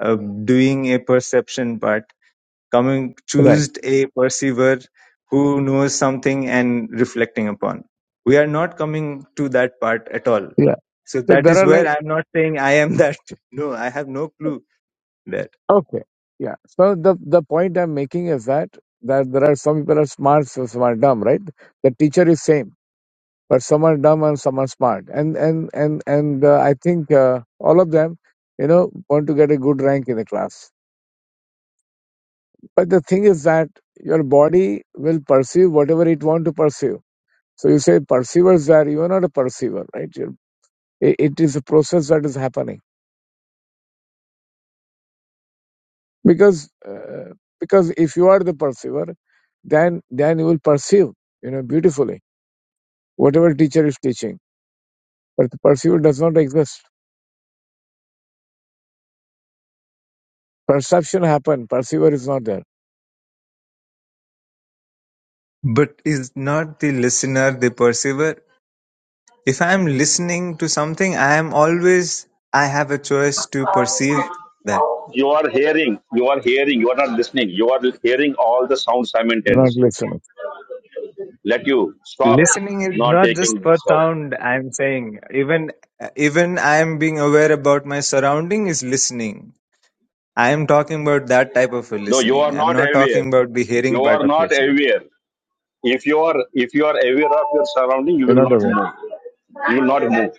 S1: uh, doing a perception part Coming
S4: Right.
S1: choosed a perceiver who knows something and reflecting upon. We are not coming to that part at all.
S4: Yeah.
S1: So
S4: So
S1: that
S4: there
S1: is
S4: are
S1: where
S4: like
S1: I'm not saying I am that. No, I have no clue that.
S4: okay. Yeah. So the the point I'm making is that that there are some people are smart, so some are dumb, right? The teacher is same, but some are dumb and some are smart, and and and and uh, I think uh, all of them, you know, want to get a good rank in the class But the thing is that your body will perceive whatever it want to perceive. So you say perceivers are you are not a perceiver, right? You're, i- it is a process that is happening because uh, because if you are the perceiver, then then you will perceive you know beautifully whatever teacher is teaching. But the perceiver does not exist. Perception happen. Perceiver is not there.
S1: But is not the listener the perceiver? If I am listening to something, I am always, I have a choice to perceive that.
S2: you are hearing, you are hearing, you are not listening. You are hearing all the sounds
S4: You're not
S2: simultaneously.
S4: listening.
S2: Let you stop
S1: Listening is
S2: not
S1: not just
S2: taking
S1: for
S2: this out.
S1: sound, I'm saying. Even, even I am being aware about my surrounding is listening I am talking about that type of
S2: No, you are
S1: listening. I'm
S2: not
S1: not
S2: aware.
S1: talking about the hearing
S2: You are
S1: part of
S2: not
S1: listening.
S2: aware. If you are if you are aware of your surrounding, you
S4: You're
S2: will
S4: not
S2: not
S4: aware.
S2: move. You will not move.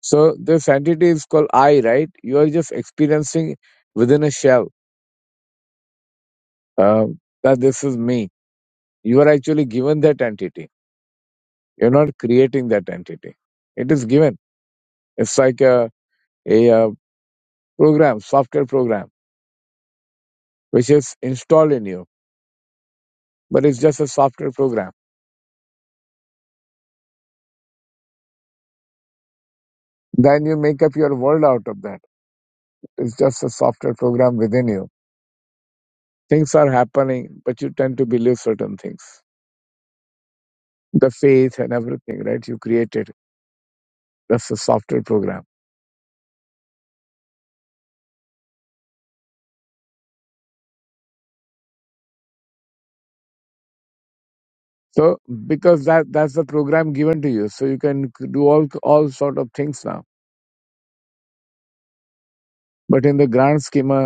S4: So this entity is called I, right? You are just experiencing within a shell um, that this is me You are actually given that entity. You're not creating that entity. It is given. It's like a, a, uh program, software program, which is installed in you, but it's just a software program. Then you make up your world out of that. It's just a software program within you. Things are happening, but you tend to believe certain things. The faith and everything, right? You created. That's a software program. So because that that's the program given to you, so you can do all all sort of things now. But in the grand schema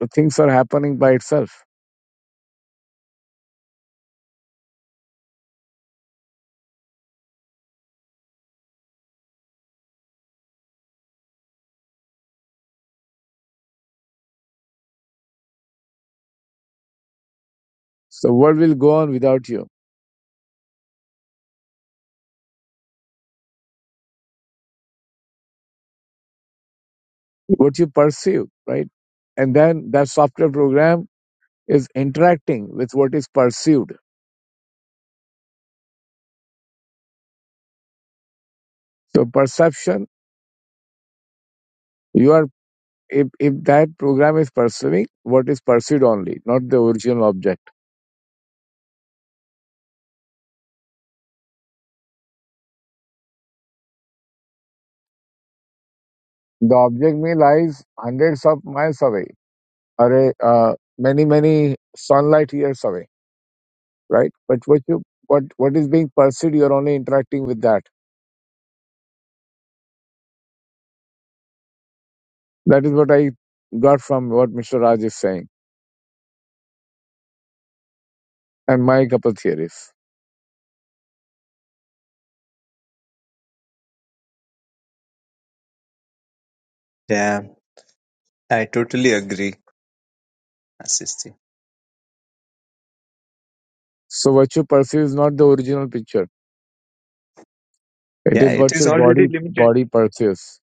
S4: The things are happening by itself. So the world will go on without you. What you perceive, right? And then that software program is interacting with what is perceived. So perception, you are if, if that program is perceiving what is perceived only, not the original object. The object may lies hundreds of miles away or uh, many, many sunlight years away, right? But what you what what is being perceived, you're only interacting with that. That is what I got from what Mr. Raj is saying. and my couple theories.
S1: Yeah, I totally agree, Asisti.
S4: So what you perceive is not the original picture. It
S1: Yeah,
S4: is
S1: it
S4: what
S1: is
S4: your
S1: already
S4: body
S1: limited.
S4: body perceives.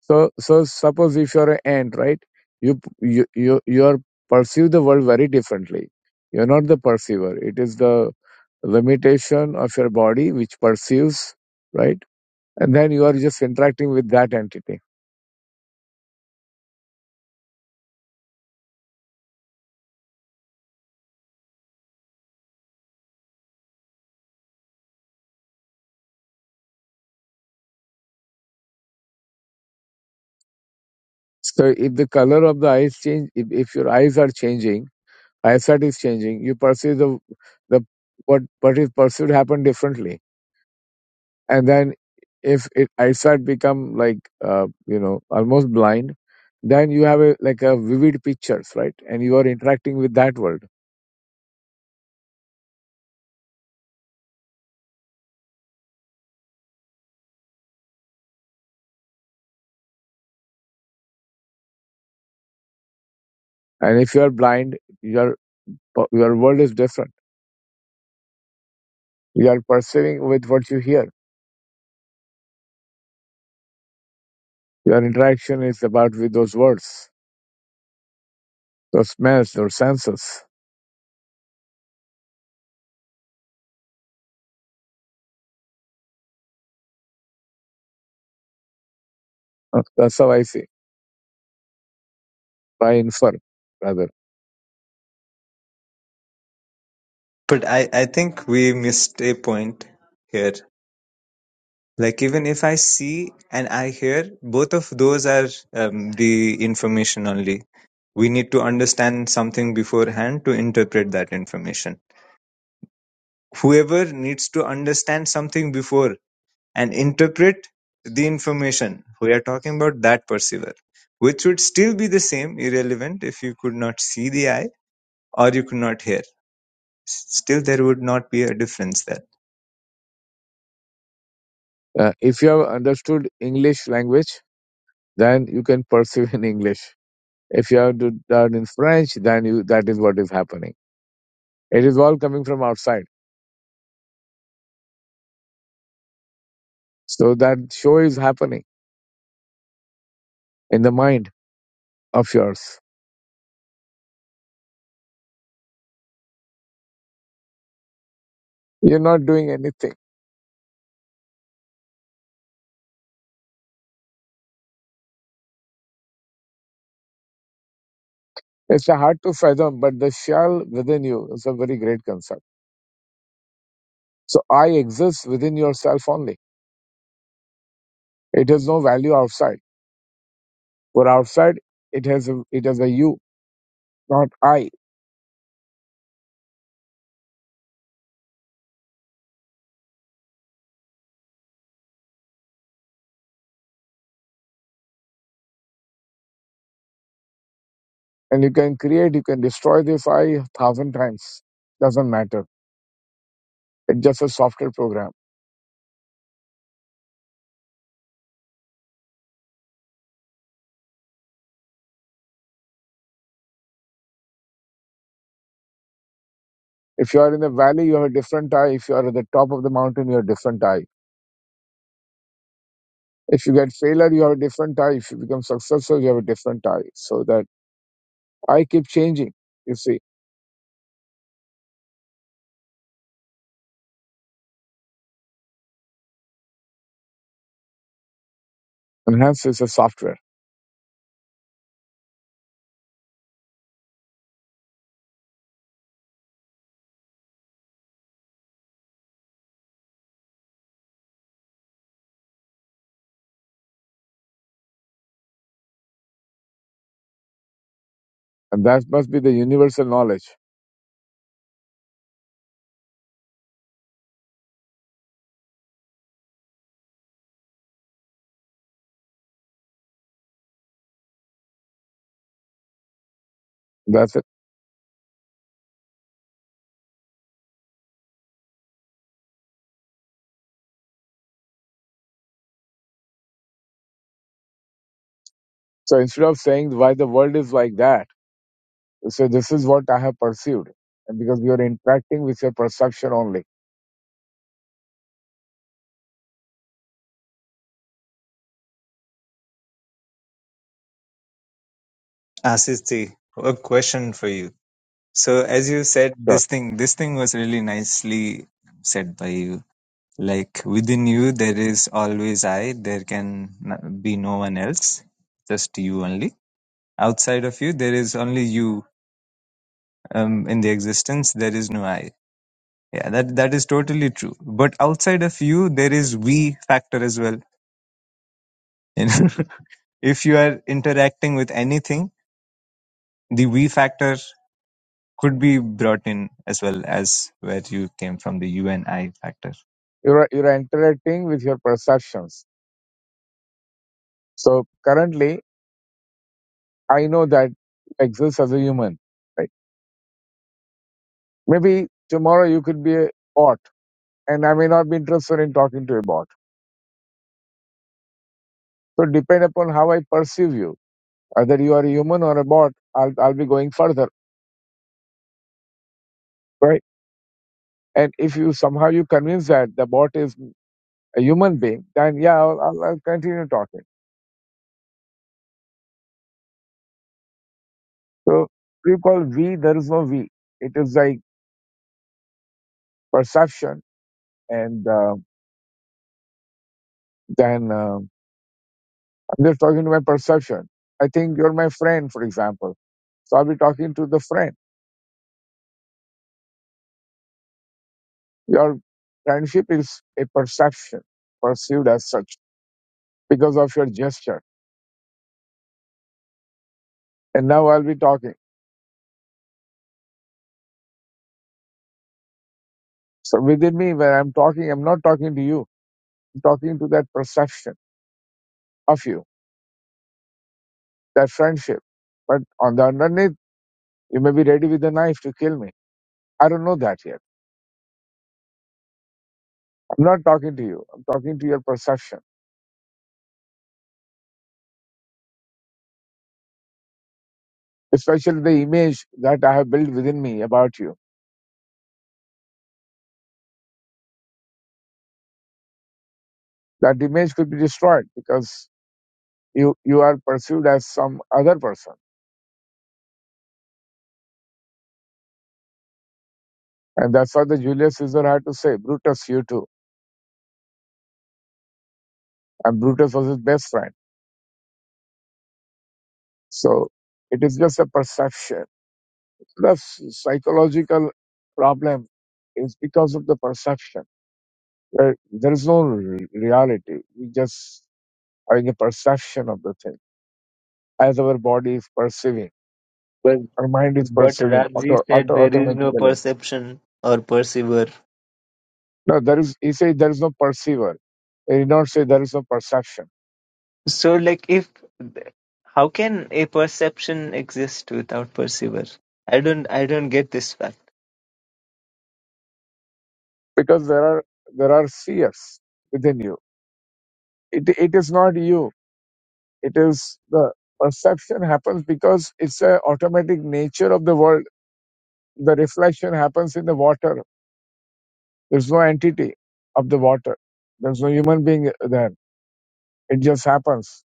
S4: So so suppose if you're an ant, right? You p- you you you are perceive the world very differently. You're not the perceiver. It is the limitation of your body which perceives, right? And then you are just interacting with that entity. So if the color of the eyes change, if, if your eyes are changing, eyesight is changing, you perceive the the what what is perceived happen differently and then if it eyesight become like uh, you know almost blind then you have a like a vivid pictures right and you are interacting with that world and if you are blind your your world is different you are perceiving with what you hear your interaction is about with those words those smells those senses Uh, that's how i see i infer rather
S1: But I, I think we missed a point here. Like, even if I see and I hear, both of those are um, the information only. We need to understand something beforehand to interpret that information. Whoever needs to understand something before and interpret the information. We are talking about that perceiver, which would still be the same, irrelevant if you could not see the eye or you could not hear. Still, there would not be a difference there.
S4: uh, if you have understood english language then you can perceive in english if you have to- done in french then you that is what is happening It is all coming from outside. So that show is happening in the mind of yours. You're not doing anything. It's hard to fathom, but the shell within you is a very great concept. So I exist within yourself only. It has no value outside. For outside, it has a, it has a you, not I. And you can create, you can destroy this I a thousand times. Doesn't matter. It's just a software program. If you are in the valley, you have a different I. If you are at the top of the mountain, you have a different I If you get failure, you have a different I. If you become successful, you have a different I. So that I keep changing. You see, and hence it's a software, and that must be the universal knowledge. That's it. So instead of saying why the world is like that, you say this is what I have perceived, and because you are interacting with your perception only.
S1: Ashish, a question for you. So, as you said,
S4: Sure.
S1: this thing, this thing was really nicely said by you. Like within you, there is always I. There can n- be no one else, just you only. Outside of you, there is only you um, in the existence. There is no I Yeah, that that is totally true. But outside of you, there is we factor as well. You know, if you are interacting with anything, the we factor could be brought in as well as where you came from, the you and I factor.
S4: You're you're interacting with your perceptions. So currently, I know that I exist as a human. Right? Maybe tomorrow you could be a bot, and I may not be interested in talking to a bot So depend upon how I perceive you, whether you are a human or a bot, I'll, I'll be going further, right? And if you somehow you convince that the bot is a human being, then yeah, I'll, I'll, I'll continue talking. So we call we, there is no we. It is like perception. And uh, then uh, I'm just talking to my perception. I think you're my friend, for example. So I'll be talking to the friend. Your friendship is a perception perceived as such because of your gesture. And now I'll be talking. So within me, when I'm talking, I'm not talking to you. I'm talking to that perception of you, that friendship. But on the underneath, you may be ready with a knife to kill me. I don't know that yet. I'm not talking to you. I'm talking to your perception, especially the image that I have built within me about you. That image could be destroyed because you, you are perceived as some other person. And that's what the Julius Caesar had to say, Brutus, you too. And Brutus was his best friend. So it is just a perception the psychological problem is because of the perception. There, there is no re- reality. We just having a perception of the thing as our body is perceiving,
S1: But
S4: our mind is
S1: but
S4: perceiving
S1: Rajji
S4: auto,
S1: said
S4: auto,
S1: there is
S4: automatically.
S1: no perception or perceiver.
S4: No, there is. He says there is no perceiver. He did not say there is no perception
S1: So like if how can a perception exist without perceiver? I don't I don't get this fact.
S4: because there are there are seers within you. It it is not you. It is the perception happens because it's a automatic nature of the world the reflection happens in the water. There's no entity of the water. There's no human being there. It just happens.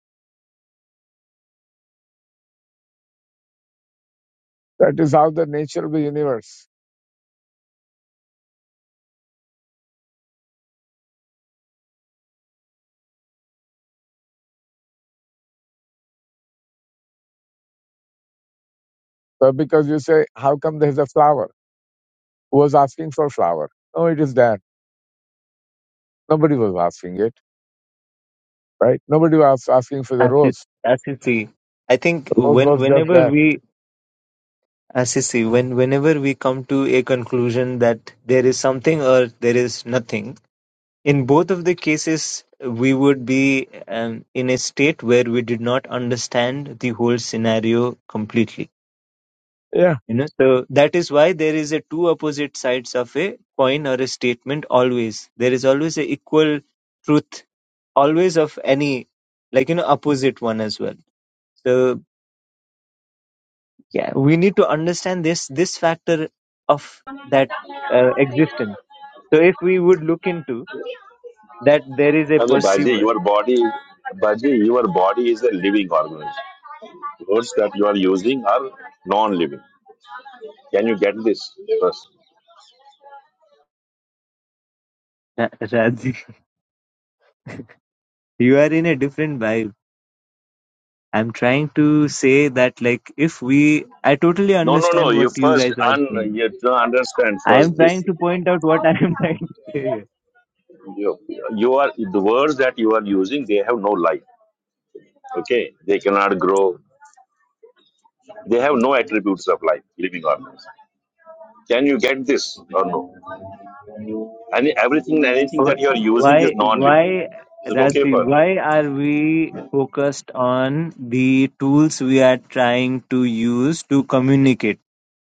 S4: That is how the nature of the universe. So because you say, how come there's a flower? Who was asking for flower? No, it is there. Nobody was asking it, right? Nobody was asking for the
S1: As you,
S4: rose.
S1: as you see, I think
S4: The rose
S1: when
S4: was just
S1: whenever
S4: there.
S1: we As you see, when whenever we come to a conclusion that there is something or there is nothing, in both of the cases, we would be um, in a state where we did not understand the whole scenario completely.
S4: Yeah.
S1: You know, so that is why there is a two opposite sides of a coin or a statement. Always there is always a equal truth, always of any like you know opposite one as well. So. yeah we need to understand this this factor of that uh, existence so if we would look into that there is a
S2: Okay, Baji,
S1: perceiver
S2: your body, Baji, your body is a living organism. Words that you are using are non-living. Can you get this first?
S1: Ra- Radhi, you are in a different vibe i'm trying to say that like if we i totally
S2: No, no, no.
S1: understand
S2: You
S1: what you
S2: first
S1: guys are
S2: un,
S1: saying
S2: you to understand
S1: i am
S2: first this
S1: trying
S2: thing.
S1: to point out what i am trying to say here.
S2: You, you are the words that you are using. They have no life. Okay, they cannot grow. They have no attributes of life, living organism. Can you get this or no? And everything, anything that
S1: Wh-
S2: you are using is
S1: Why,
S2: non-living.
S1: why,
S2: Is it okay
S1: Rathi,
S2: for you?
S1: why are we focused on the tools we are trying to use to communicate?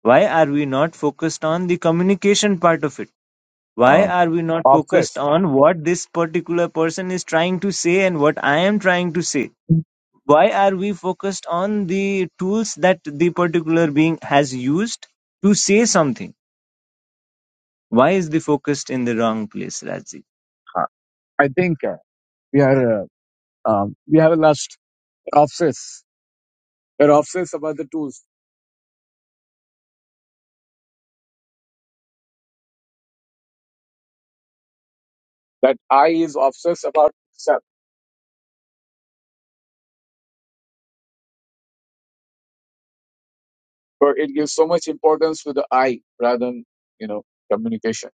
S1: Why are we not focused on the communication part of it? Why
S4: Uh,
S1: are we not focused
S4: obsessed.
S1: on what this particular person is trying to say and what I am trying to say? Why are we focused on the tools that the particular being has used to say something? Why is the focused in the wrong place, Razi?
S4: Uh, I think uh, we are uh, um, we have a lust. We're obsessed. We're obsessed about the tools. That I is obsessed about self So it gives so much importance to the I rather than, you know, communication,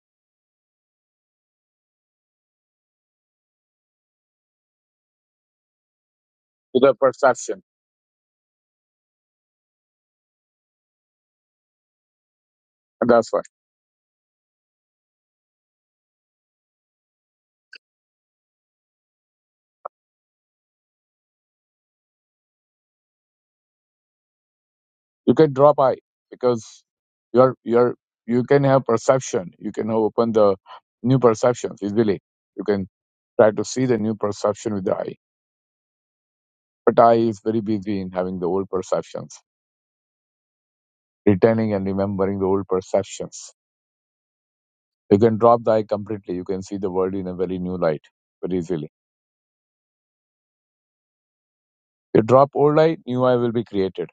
S4: to the perception. And that's why you can drop I because you're, you're, you can have perception. You can open the new perceptions easily. You can try to see the new perception with the eye. But I is very busy in having the old perceptions, retaining and remembering the old perceptions. You can drop the eye completely. You can see the world in a very new light very easily. You drop old eye, new eye will be created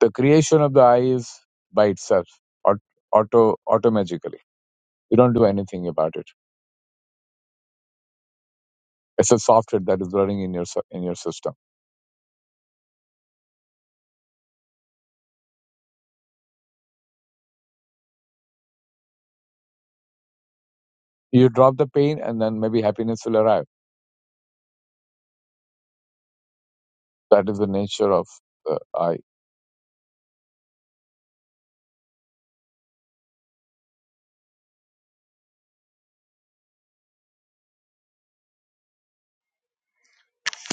S4: The creation of the I is by itself, aut- auto automagically. You don't do anything about it. It's a software that is running in your s- in your system. You drop the pain, and then maybe happiness will arrive. That is the nature of the I.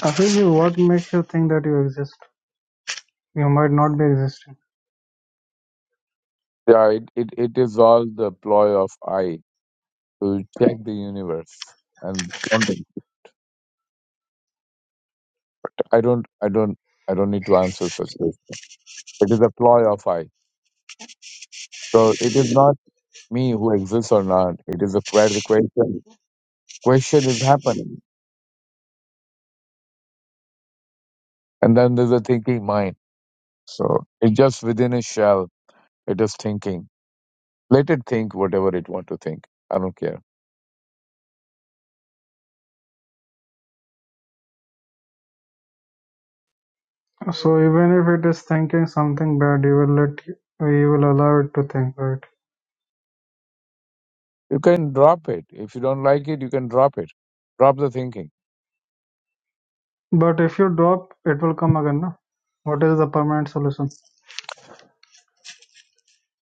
S3: Afiji, what makes you think that you exist? You might not be existing.
S4: Yeah, it, it, it is all the ploy of I to check the universe. And wonder- I don't I don't I don't need to answer such questions. It is a ploy of I. So it is not me who exists or not. It is a where the question question is happening. And then there's a thinking mind. So it's just within a shell. It is thinking. Let it think whatever it want to think. I don't care.
S3: So even if it is thinking something bad, you will let you will allow it to think, right?
S4: You can drop it. If you don't like it, you can drop it. Drop the thinking.
S3: But if you drop, it will come again, no? What is the permanent solution?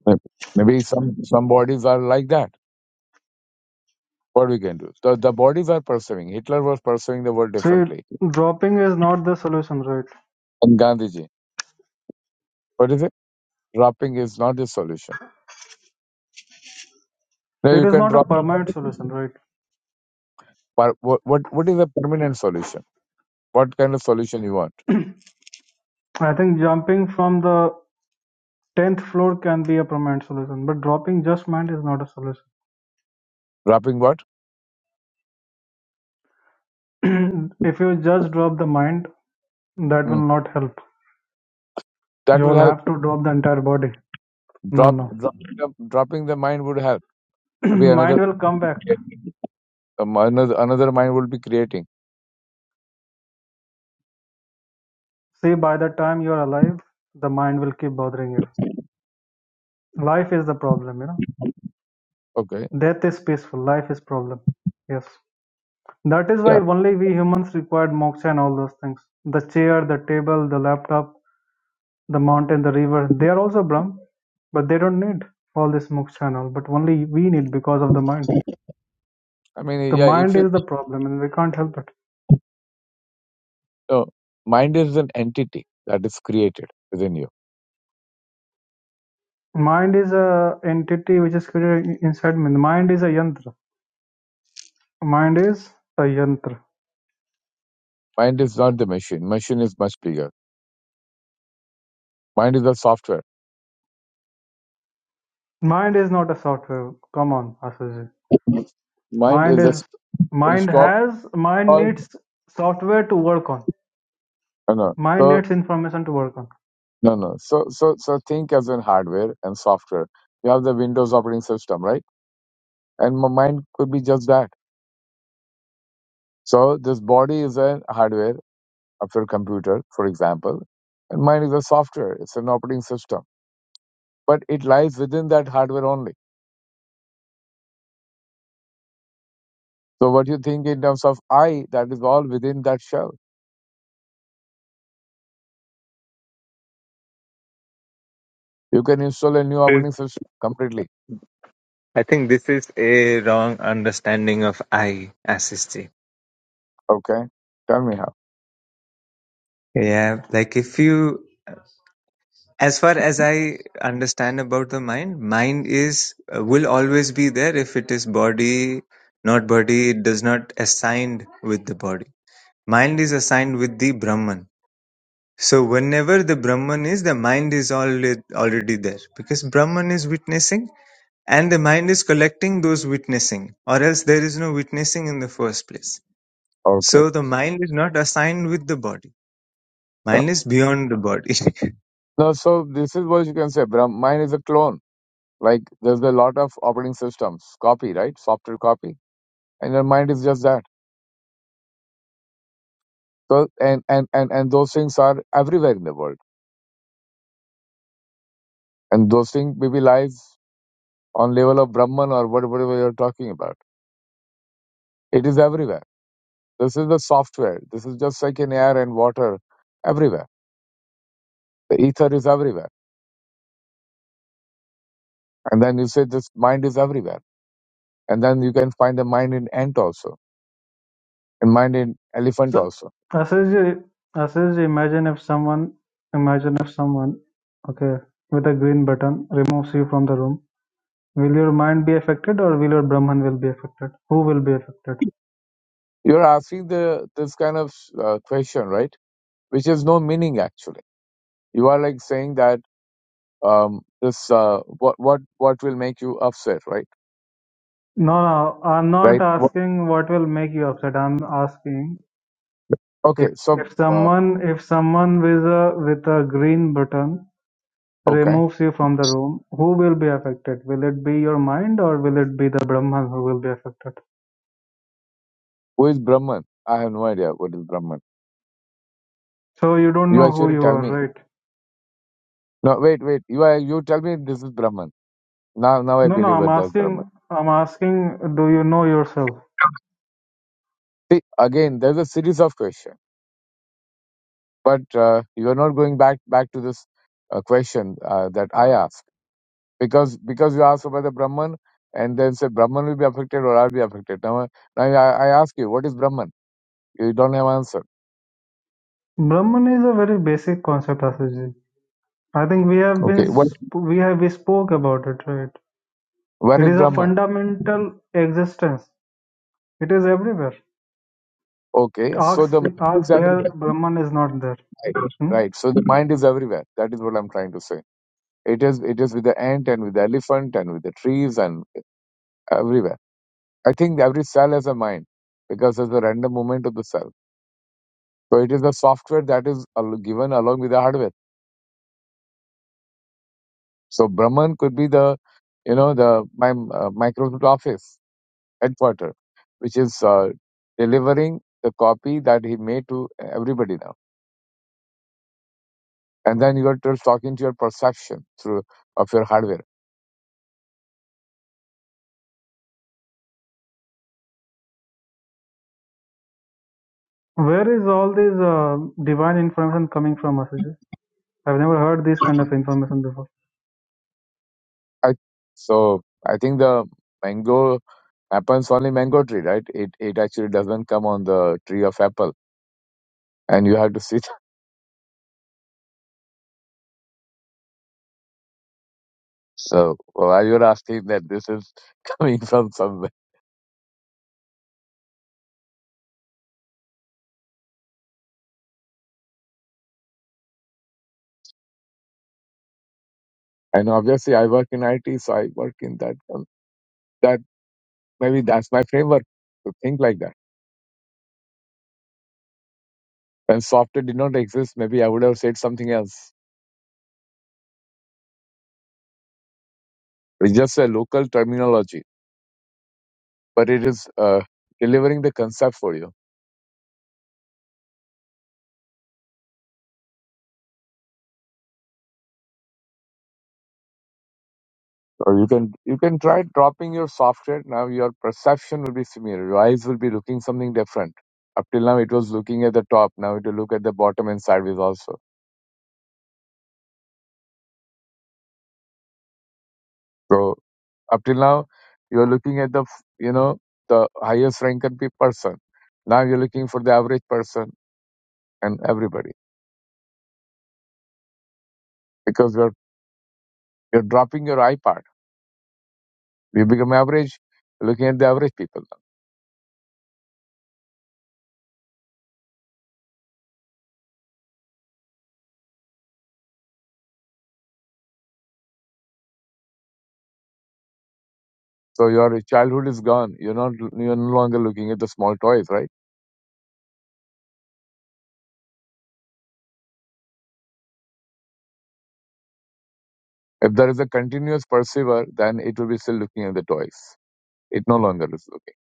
S4: Maybe maybe some, some bodies are like that. What we can do? The the bodies are perceiving. Hitler was perceiving the world
S3: See,
S4: differently.
S3: dropping is not the solution, right?
S4: And Gandhiji. What is it? Dropping is not the solution. Now
S3: It
S4: you
S3: is
S4: can
S3: not a
S4: drop
S3: permanent
S4: it.
S3: solution, right?
S4: But what, what, what is the permanent solution? What kind of solution you want?
S3: I think jumping from the tenth floor can be a permanent solution, but dropping just mind is not a
S4: Dropping what?
S3: solution. if you just drop the mind, that
S4: Hmm.
S3: will not help.
S4: That
S3: You
S4: will
S3: will
S4: help.
S3: have to drop the entire body. No,
S4: drop,
S3: no.
S4: drop dropping the mind would help. Maybe another
S3: mind will come back.
S4: um, another another mind would be creating.
S3: See, by the time you're alive, the mind will keep bothering you. Life is the problem, you know.
S4: Okay,
S3: Death is peaceful. Life is problem. Yes. That is why
S4: yeah.
S3: only we humans required moksha and all those things. The chair, the table, the laptop, the mountain, the river, they are also Brahm, but they don't need all this moksha and all. But only we need because of the mind.
S4: I mean,
S3: The
S4: yeah. If
S3: mind
S4: you
S3: is the problem and we can't help it.
S4: uh, mind is an entity that is created within you.
S3: Mind is a entity which is created in- inside me. The mind is a yantra. Mind is a yantra.
S4: Mind is not the machine. Machine is much bigger. Mind is the software.
S3: Mind is not a software. Come on, Asuji.
S4: Mind
S3: Mind
S4: is a
S3: is mind
S4: installed.
S3: has mind
S4: No,
S3: needs software to work on.
S4: no.
S3: Mind
S4: So
S3: needs information to work on.
S4: no, no. So so so think as in hardware and software. You have the Windows operating system, right? And my mind could be just that. So this body is a hardware after a computer, for example, and mine is a software, it's an operating system. But it lies within that hardware only. So what you think in terms of I, that is all within that shell. You can install a new operating system completely. Okay. Tell me how.
S1: understand about the mind mind is uh, will always be there if it is body not body mind so whenever the brahman is because brahman is witnessing and the mind is collecting those witnessing or else there is no witnessing in the first place
S4: Okay.
S1: so the mind is not assigned with the body
S4: No,
S1: mind is beyond the body
S4: no so this is what you can say. Brahm, mine is a clone. Like there's a lot of operating systems, copy, right? Software copy. And your mind is just that. So and and, and, and those things are everywhere in the world. And those things maybe lies on level of Brahman or what- whatever you're talking about. It is everywhere. This is the software. This is just like in air and water, everywhere. The ether is everywhere. And then you say this mind is everywhere. And then you can find the mind in ant also, and mind in elephant
S3: So
S4: also.
S3: Asuji, Asuji, imagine if someone imagine if someone okay with a green button removes you from the room. Will your mind be affected or will your Brahman will be affected? Who will be affected?
S4: You're asking the this kind of uh, question, right? Which has no meaning actually. You are like saying that um, this uh, what what what will make you upset, right?
S3: No, no, I'm not
S4: Right? What,
S3: asking what will make you upset. I'm asking If
S4: okay, so
S3: if
S4: uh,
S3: someone if someone with a with a green button
S4: okay,
S3: removes you from the room, who will be affected? Will it be your mind or will it be the Brahman who will be affected?
S4: who is Brahman? I have no idea what is Brahman
S3: So you don't
S4: You
S3: know who
S4: actually
S3: you
S4: tell
S3: are,
S4: me.
S3: right?
S4: No, wait, wait. You are, you tell me this is Brahman. Now, now I
S3: No, no.
S4: believe
S3: I'm
S4: it. That's Brahman.
S3: asking. I'm asking. Do you know yourself?
S4: See, again, there's a series of questions, but uh, you are not going back back to this uh, question uh, that I asked because because you asked about the Brahman and then said Brahman will be affected or I'll be affected. Now, I- now I, I ask you, what is Brahman? You don't have answer.
S3: Brahman is a very basic concept, Asuji. I think we have been
S4: Okay, what
S3: sp- we have we spoke about it, right?
S4: where
S3: It
S4: is
S3: is a
S4: Brahman?
S3: fundamental existence. It is everywhere.
S4: Okay, so
S3: Ask
S4: the mind
S3: ask
S4: is
S3: where
S4: everywhere.
S3: Brahman is not there.
S4: Right,
S3: Hmm.
S4: right. So the mind is everywhere. That is what I'm trying to say It is it is with the ant and with the elephant and with the trees and everywhere. I think every cell has a mind because there's a random movement of the cell. So it is the software that is al- given along with the hardware. So Brahman could be the you know the my uh, Microsoft Office headquarter, which is uh, delivering the copy that he made to everybody now. And then you are just talking to your perception through of your hardware
S3: Where is all this uh, divine information coming from, Ashish? ji? I've never heard this kind of information before.
S4: I, so I think the mango happens only mango tree, right? It it actually doesn't come on the tree of apple, and you have to sit. So while you're asking that, this is coming from somewhere. And obviously, I work in IT, so I work in that. um, That maybe that's my framework to think like that. When software did not exist, maybe I would have said something else. It's just a local terminology, but it is uh, delivering the concept for you So you can you can try dropping your software. Now your perception will be similar. Your eyes will be looking something different. Up till now it was looking at the top. Now it will look at the bottom and sideways also. So up till now you are looking at the f- you know the highest rank and pe- person. Now you're looking for the average person and everybody because you're you're dropping your eye part. You become average, looking at the average people. now. So your childhood is gone. You're not you're no longer looking at the small toys, right? If there is a continuous perceiver, then it will be still looking at the toys. It no longer is looking.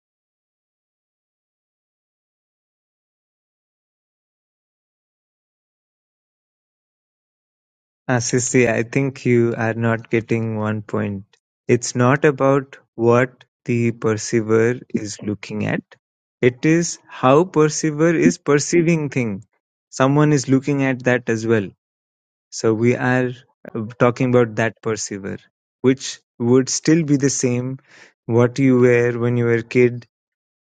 S1: Ah, Sissy, I think you are not getting one point. It's not about what the perceiver is looking at. It is how perceiver is perceiving thing. Someone is looking at that as well. So we are uh, talking about that perceiver, which would still be the same what you were when you were a kid,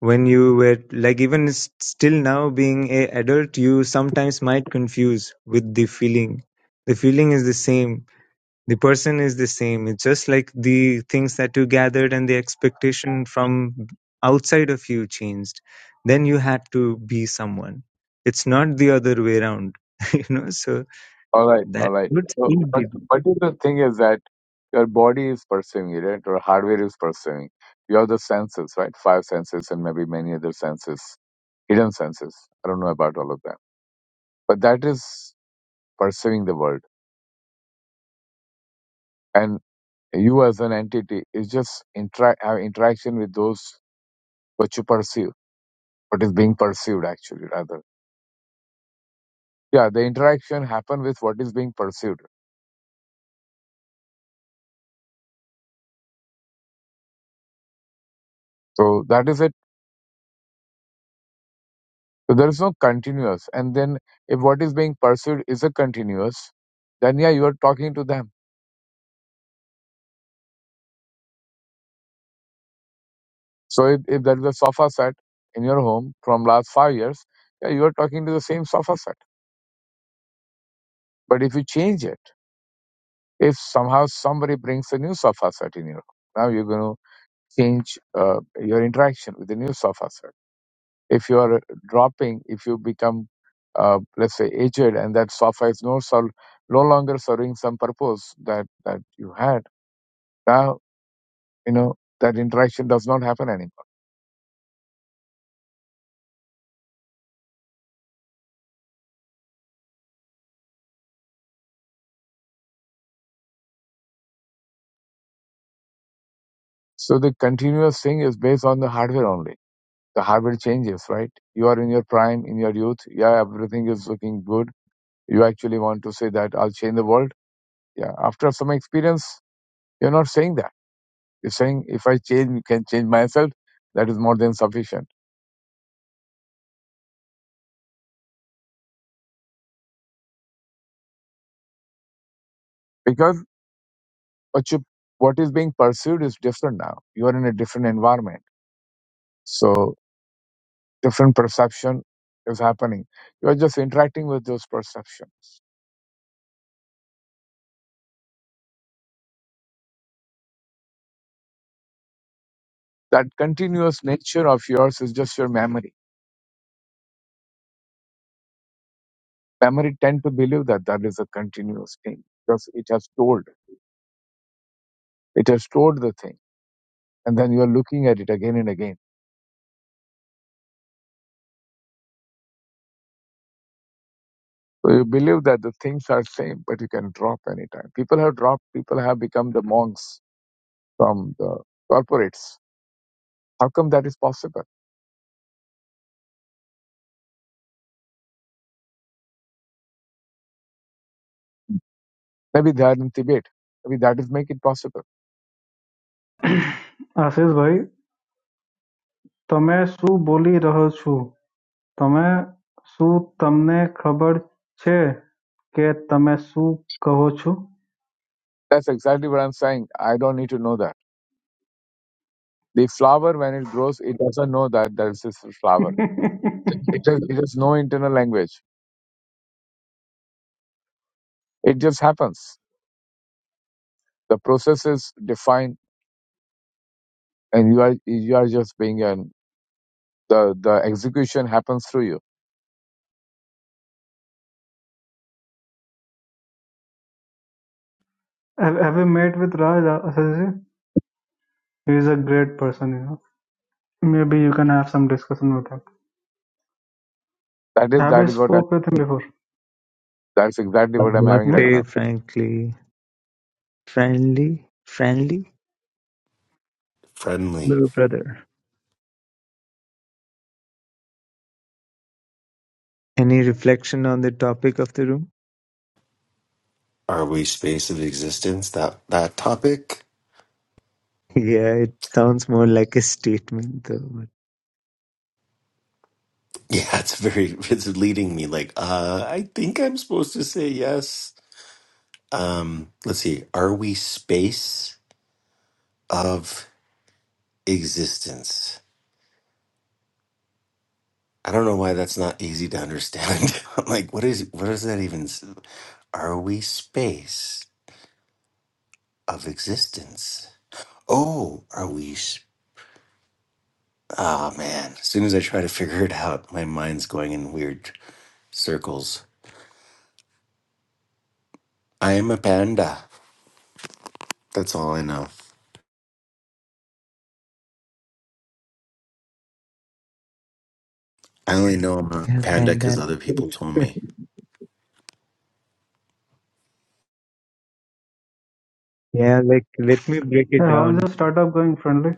S1: when you were like even s- still now being a adult, you sometimes might confuse with the feeling. The feeling is the same the person is the same. It's just like the things that you gathered and the expectation from outside of you changed. Then you had to be someone. It's not the other way around, you know. So
S4: All right, all
S1: that
S4: right.
S1: would
S4: So,
S1: still
S4: but
S1: be
S4: but if the thing is that your body is perceiving it, right? Your hardware is perceiving. You have the senses, right? Five senses and maybe many other senses, hidden senses. I don't know about all of them, but that is perceiving the world. And you as an entity is just interact have interaction with those what you perceive, what is being perceived actually rather. Yeah, the interaction happen with what is being perceived So that is it. So there is no continuous. And then if what is being pursued is a continuous, then yeah, you are talking to them. So if, if there is a sofa set in your home from last five years, yeah, you are talking to the same sofa set. But if you change it, if somehow somebody brings a new sofa set in your home, now you're going to change uh, your interaction with the new sofa set. If you are dropping, if you become, uh, let's say, aged and that sofa is no, sol- no longer serving some purpose that, that you had, now you know that interaction does not happen anymore so the continuous thing is based on the hardware only the hardware changes right you are in your prime in your youth yeah everything is looking good you actually want to say that i'll change the world yeah after some experience you're not saying that you're saying if i change can change myself that is more than sufficient because what you what is being pursued is different now you are in a different environment so different perception is happening you are just interacting with those perceptions that continuous nature of yours is just your memory. Memory tend to believe that that is a continuous thing because it has stored, it has stored the thing, and then you are looking at it again and again. So you believe that the things are same, but you can drop anytime. People have dropped. People have become the monks from the corporates. How come that is possible? Maybe they are in Tibet. Maybe that is make it possible.
S3: Ashish ભાઈ તમે શું બોલી રહ્યો છો તમે શું તમને ખબર છે કે તમે શું કહો છો
S4: That's exactly what I'm saying. I don't need to know that. The flower when it grows, it doesn't know that there is a flower It has, no internal language. It just happens. The process is defined, and you are you are just being an the the execution happens through you.
S3: have, have you met with Raj Ashish? ji? He is a great person, you know. Maybe you can have some discussion with him.
S4: That is
S3: Have
S4: that
S3: you
S4: is what I'm
S3: spoke with him
S4: saying.
S3: before?
S4: That's exactly what I'm having
S3: Hmm?
S4: right now.
S1: Namaste, frankly, friendly, friendly,
S6: friendly
S1: little brother. Any reflection on the topic of the room?
S6: are we space of existence that that topic
S1: Yeah, it sounds more like a statement, though. but-
S6: yeah it's very it's leading me like uh i think i'm supposed to say yes um let's see are we space of existence i don't know why that's not easy to understand i'm like what is what does that even s- are we space of existence oh are we s- Ah man as soon as i try to figure it out my mind's going in weird circles I am a panda. That's all I know. I only know I'm a
S1: Yeah,
S6: panda because
S1: panda.
S6: other people told me.
S1: yeah, like let me break it
S3: Yeah, How is the
S1: down.
S3: startup going friendly?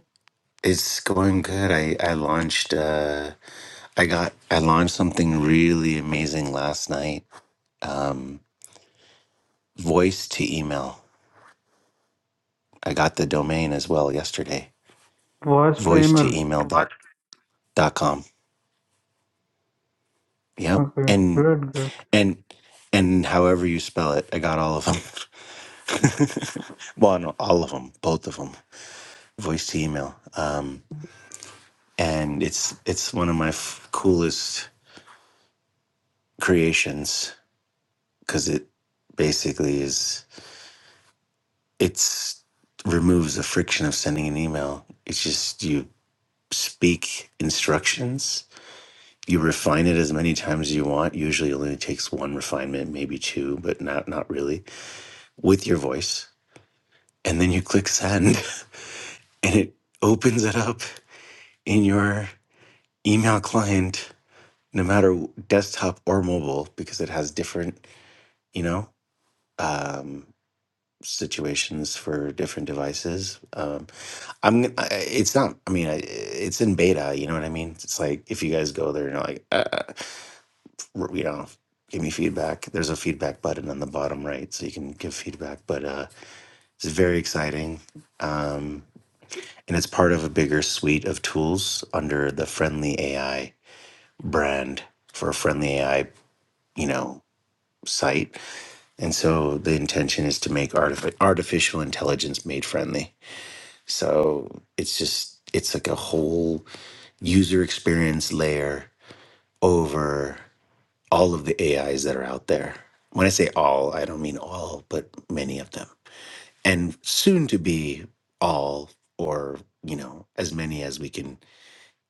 S6: It's going good. I, I launched uh I got I launched something really amazing last night. Um voice to email. I got the domain as well yesterday.
S3: Voice to
S6: Voice
S3: email.
S6: to email dot, dot com. Yep.
S3: Okay,
S6: And
S3: great, great.
S6: and and however you spell it, I got all of them. well, no, all of them, both of them. Voice to email. Um and it's it's one of my f- coolest creations because it basically is it's removes the friction of sending an email it's just you speak instructions you refine it as many times as you want usually it only takes one refinement maybe two but not not really with your voice and then you click send and it opens it up in your email client no matter desktop or mobile because it has different you know um, situations for different devices. Um, I'm. I, it's not. I mean, I, it's in beta. You know what I mean? It's like if you guys go there and you're like, uh, uh, you know, give me feedback. There's a feedback button on the bottom right, so you can give feedback. But uh, it's very exciting, um, and it's part of a bigger suite of tools under the Friendly AI brand for a Friendly AI. You know site and so the intention is to make artifi- artificial intelligence made friendly So it's just it's like a whole user experience layer over all of the AIs that are out there. When I say all, I don't mean all, but many of them. And soon to be all or, you know, as many as we can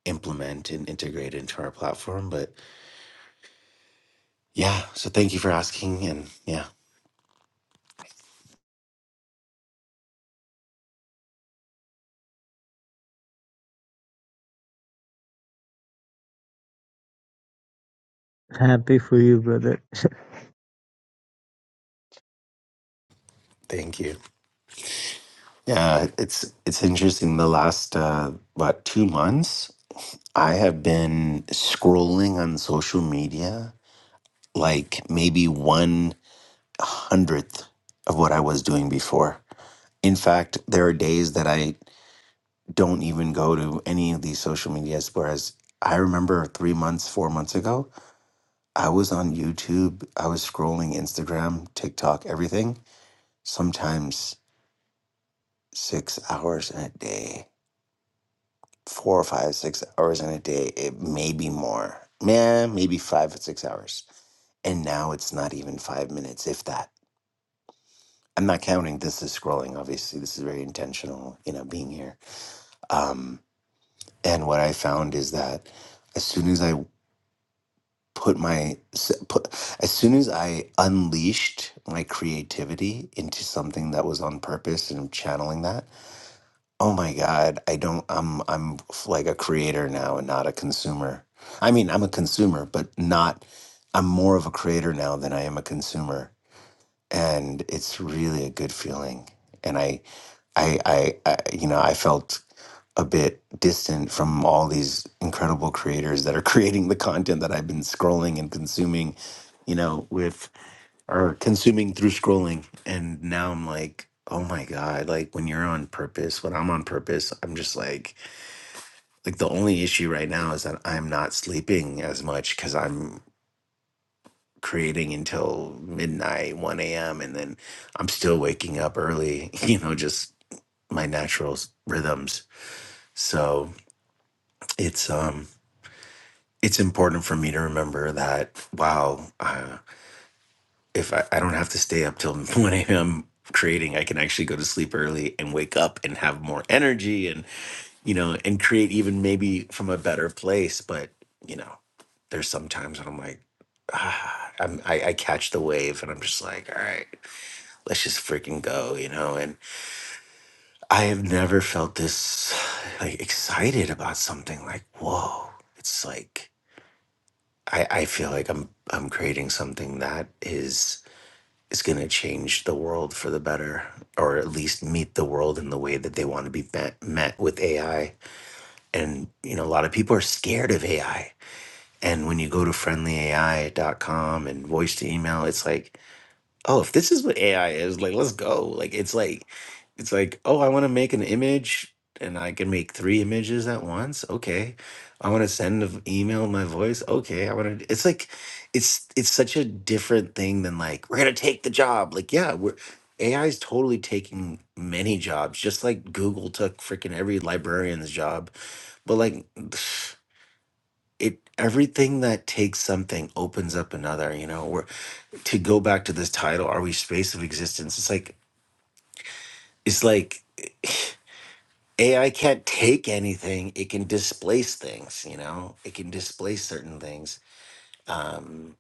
S6: implement and integrate into our platform, but yeah, so thank you for asking and yeah,
S1: Happy for you, brother.
S6: thank you. Yeah, it's it's interesting the last uh what 2 months I have been scrolling on social media like maybe one hundredth of what I was doing before. In fact, there are days that I don't even go to any of these social medias. Whereas I remember three months, four months ago, I was on YouTube, I was scrolling Instagram, TikTok, everything, sometimes six hours in a day, four or five, six hours in a day, it may be more, man, maybe five or six hours And now it's not even five minutes, if that. I'm not counting this is scrolling, obviously. This is very intentional, you know, being here. Um, and what I found is that as soon as I put my, s- put, as soon as I unleashed my creativity into something that was on purpose and channeling that, oh my God, I don't, I'm, I'm like a creator now and not a consumer. I mean, I'm a consumer, but not, I'm more of a creator now than I am a consumer and it's really a good feeling. And I, I, I, I you know, I felt a bit distant from all these incredible creators that are creating the content that I've been scrolling and consuming, you know, with or consuming through scrolling. And now I'm like, oh my God, like when you're on purpose, when I'm on purpose, I'm just like, like the only issue right now is that I'm not sleeping as much because I'm creating until midnight, 1 a.m. And then I'm still waking up early, you know, just my natural s- rhythms. So it's, um, it's important for me to remember that, wow, uh, if I, I don't have to stay up till 1 a.m. creating, I can actually go to sleep early and wake up and have more energy and, you know, and create even maybe from a better place. But, you know, there's sometimes when I'm like, ah, I'm, I, I catch the wave and I'm just like, all right. let's just freaking go, you know? And I have never felt this like excited about something like, whoa. It's like I, I feel like I'm I'm creating something that is is gonna change the world for the better, or at least meet the world in the way that they want to be met, met with AI. And you know, a lot of people are scared of AI. And when you go to friendly A I dot com and voice to email, it's like oh, if this is what AI is, like, let's go. Like, it's like, it's like, oh, I want to make an image and I can make three images at once. Okay. I want to send an email in my voice. Okay. I want to, it's like, it's, it's such a different thing than like, we're going to take the job. Like, yeah, we're, AI is totally taking many jobs, just like Google took freaking every librarian's job. But like, it, everything that takes something opens up another, you know, to go back to this title, are we space of existence? It's like it's like AI can't take anything. It can displace things, you know? It can displace certain things. Um,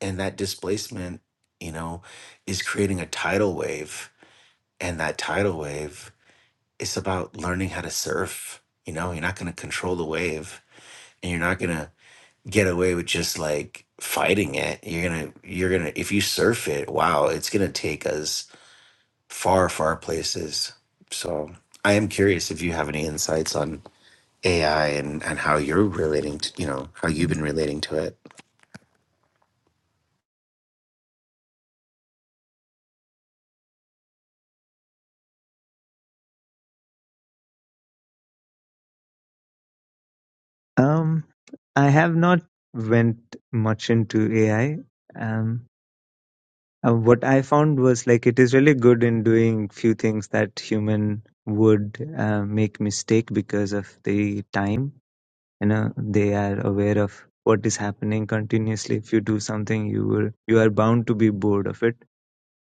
S6: and that displacement, you know, is creating a tidal wave. And that tidal wave it's about learning how to surf. You know, you're not going to control the wave and you're not going to get away with just like fighting it. You're going to, you're going to, if you surf it, wow, it's going to take us far, far places. So I am curious if you have any insights on AI and, and how you're relating to, you know, how you've been relating to it.
S1: Um, I have not went much into AI. Um, uh, what I found was like it is really good in doing few things that human would uh, make mistake because of the time. You know, they are aware of what is happening continuously. If you do something, you will you are bound to be bored of it,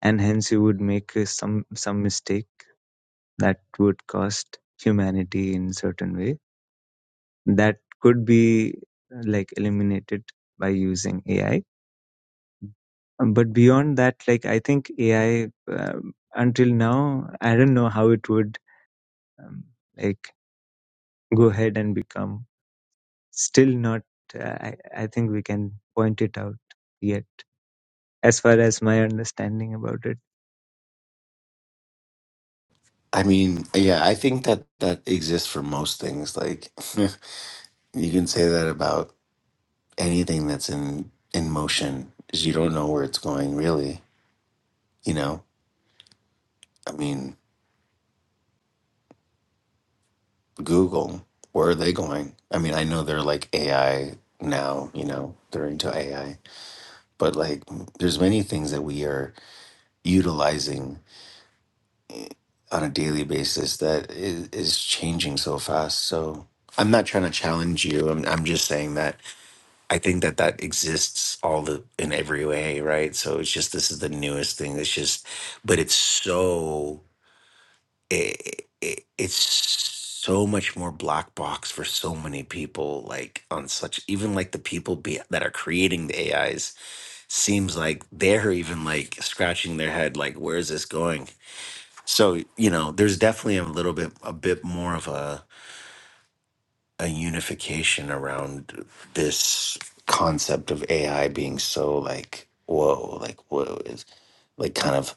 S1: and hence you would make uh, some some mistake that would cost humanity in certain way that could be uh, like eliminated by using AI. Um, But beyond that, like I think AI um, until now, I don't know how it would um, like go ahead and become. Still not. Uh, I I think we can point it out yet, as far as my understanding about it.
S6: I mean, yeah, I think that that exists for most things. Like you can say that about anything that's in in motion is you don't know where it's going really, you know? I mean, Google, where are they going? I mean, I know they're like AI now, you know, they're into AI, but like there's many things that we are utilizing on a daily basis that is, is changing so fast. So I'm not trying to challenge you. I'm, I'm just saying that I think that that exists all the in every way, right? So it's just this is the newest thing. It's just, but it's so it, it, it's so much more black box for so many people. Like on such even like the people be, that are creating the AIs seems like they're even like scratching their head, like where is this going? So you know, there's definitely a little bit, a bit more of a a unification around this concept of AI being so like whoa, like whoa is like kind of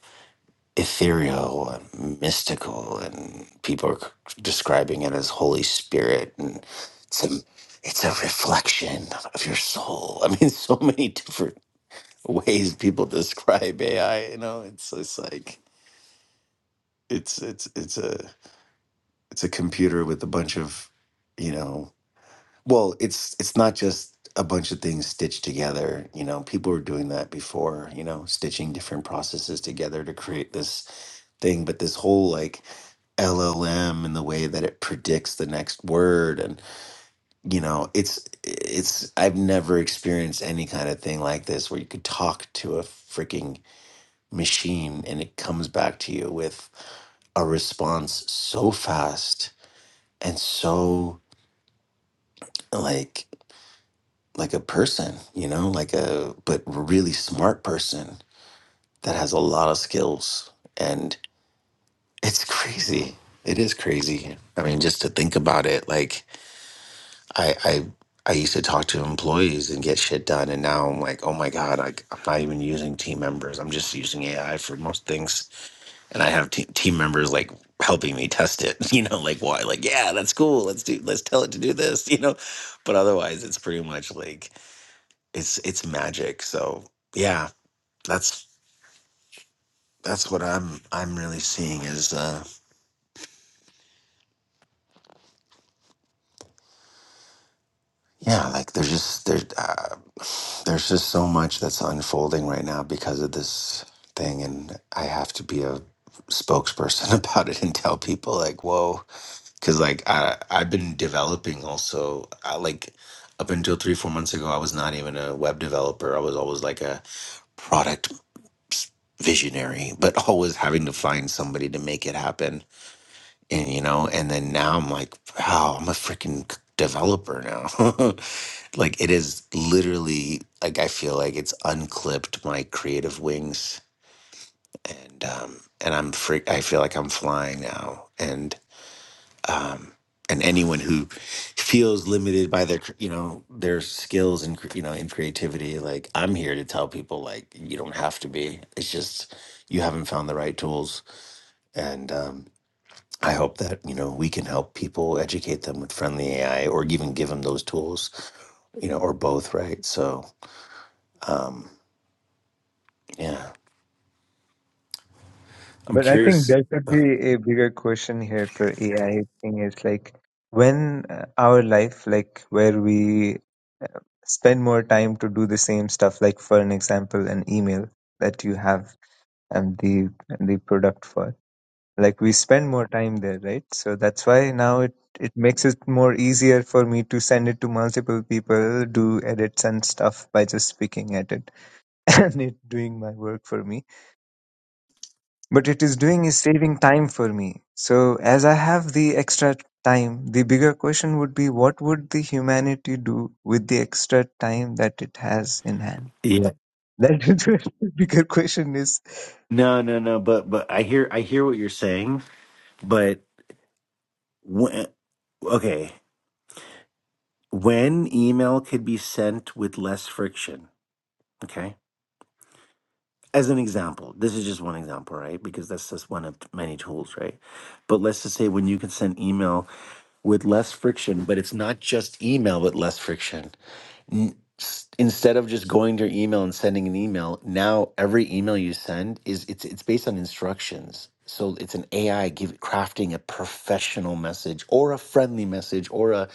S6: ethereal and mystical, and people are c- describing it as Holy Spirit, and it's a it's a reflection of your soul. I mean, so many different ways people describe AI. You know, it's it's like it's it's it's a It's a computer with a bunch of, you know, well, it's it's not just a bunch of things stitched together. You know, people were doing that before. You know, stitching different processes together to create this thing. But this whole like LLM and the way that it predicts the next word and you know it's it's I've never experienced any kind of thing like this where you could talk to a freaking machine and it comes back to you with a response so fast and so like like a person you know like a but really smart person that has a lot of skills and it's crazy it is crazy i mean just to think about it like i i i used to talk to employees and get shit done and now i'm like oh my god like i'm not even using team members i'm just using ai for most things and i have te- team members like helping me test it you know like why like yeah that's cool let's do let's tell it to do this you know but otherwise it's pretty much like it's it's magic. So yeah, that's that's what I'm I'm really seeing is uh yeah, like there's just there's uh, there's just so much that's unfolding right now because of this thing, and I have to be a spokesperson about it and tell people like whoa because like i i've been developing also I, like up until three four months ago i was not even a web developer i was always like a product visionary but always having to find somebody to make it happen and you know and then now i'm like wow i'm a freaking c- developer now like it is literally like i feel like it's unclipped my creative wings and um and i'm freak i feel like i'm flying now and um and anyone who feels limited by their cr- you know their skills and cr- you know in creativity like i'm here to tell people like you don't have to be it's just you haven't found the right tools and um I hope that you know we can help people educate them with friendly AI, or even give them those tools, you know, or both, right? So, um, yeah, I'm
S1: But I think
S6: curious.
S1: there could be a bigger question here for AI thing is like when uh, our life, like where we spend more time to do the same stuff like for an example an email that you have and the and the product for like we spend more time there right so that's why now it it makes it more easier for me to send it to multiple people do edits and stuff by just picking at it and it doing my work for me but it is doing is saving time for me so as i have the extra time the bigger question would be what would the humanity do with the extra time that it has in hand
S6: Yeah,
S1: That is a bigger question. Is
S6: no, no, no, but but I hear I hear what you're saying, but when okay, when email could be sent with less friction, okay. As an example, this is just one example, right? Because that's just one of many tools, right? But let's just say when you can send email with less friction, but it's not just email, but less friction n- s- instead of just going to your email and sending an email now every email you send is it's it's based on instructions so it's an ai give, crafting a professional message or a friendly message or a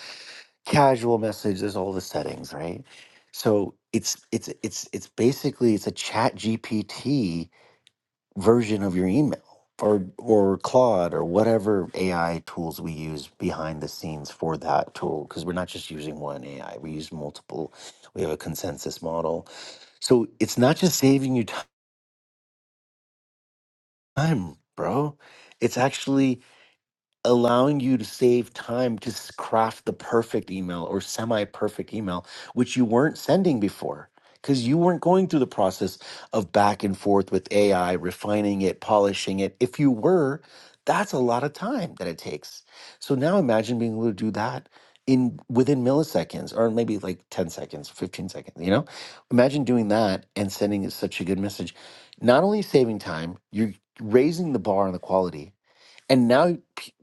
S6: casual message there's all the settings right so it's it's it's it's basically it's a chat gpt version of your email or or Claude or whatever AI tools we use behind the scenes for that tool because we're not just using one AI we use multiple we have a consensus model so it's not just saving you time bro it's actually allowing you to save time to s- craft the perfect email or semi perfect email, which you weren't sending before because you weren't going through the process of back and forth with AI, refining it, polishing it. If you were, that's a lot of time that it takes. So now imagine being able to do that in within milliseconds or maybe like 10 seconds, 15 seconds, you know? Imagine doing that and sending such a good message. Not only saving time, you're raising the bar on the quality, and now p-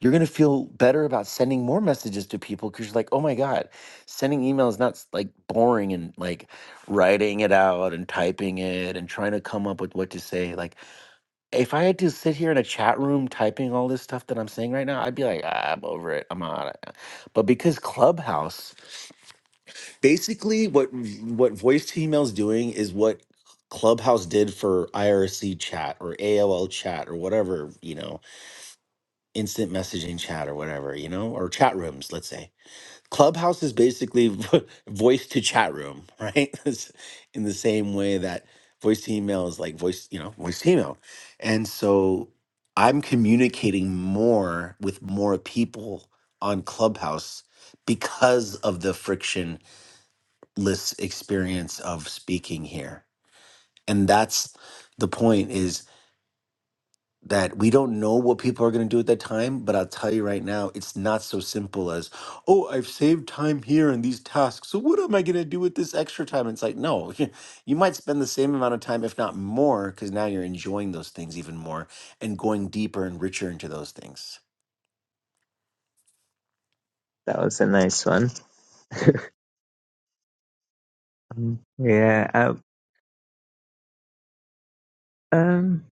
S6: you're going to feel better about sending more messages to people because you're like, oh my God, sending email is not s- like boring and like writing it out and typing it and trying to come up with what to say. Like, if I had to sit here in a chat room typing all this stuff that I'm saying right now, I'd be like, ah, I'm over it. I'm out. But because Clubhouse, basically, what v- what voice to email is doing is what Clubhouse did for IRC chat or AOL chat or whatever, you know instant messaging chat or whatever, you know, or chat rooms, let's say. Clubhouse is basically vo- voice to chat room, right? It's In the same way that voice to email is like voice, you know, voice to email. And so I'm communicating more with more people on Clubhouse because of the frictionless experience of speaking here. And that's the point is that we don't know what people are going to do at that time but i'll tell you right now it's not so simple as oh i've saved time here in these tasks so what am i going to do with this extra time it's like no you might spend the same amount of time if not more because now you're enjoying those things even more and going deeper and richer into those things
S1: that was a nice one. Mm. Yeah. Um. um,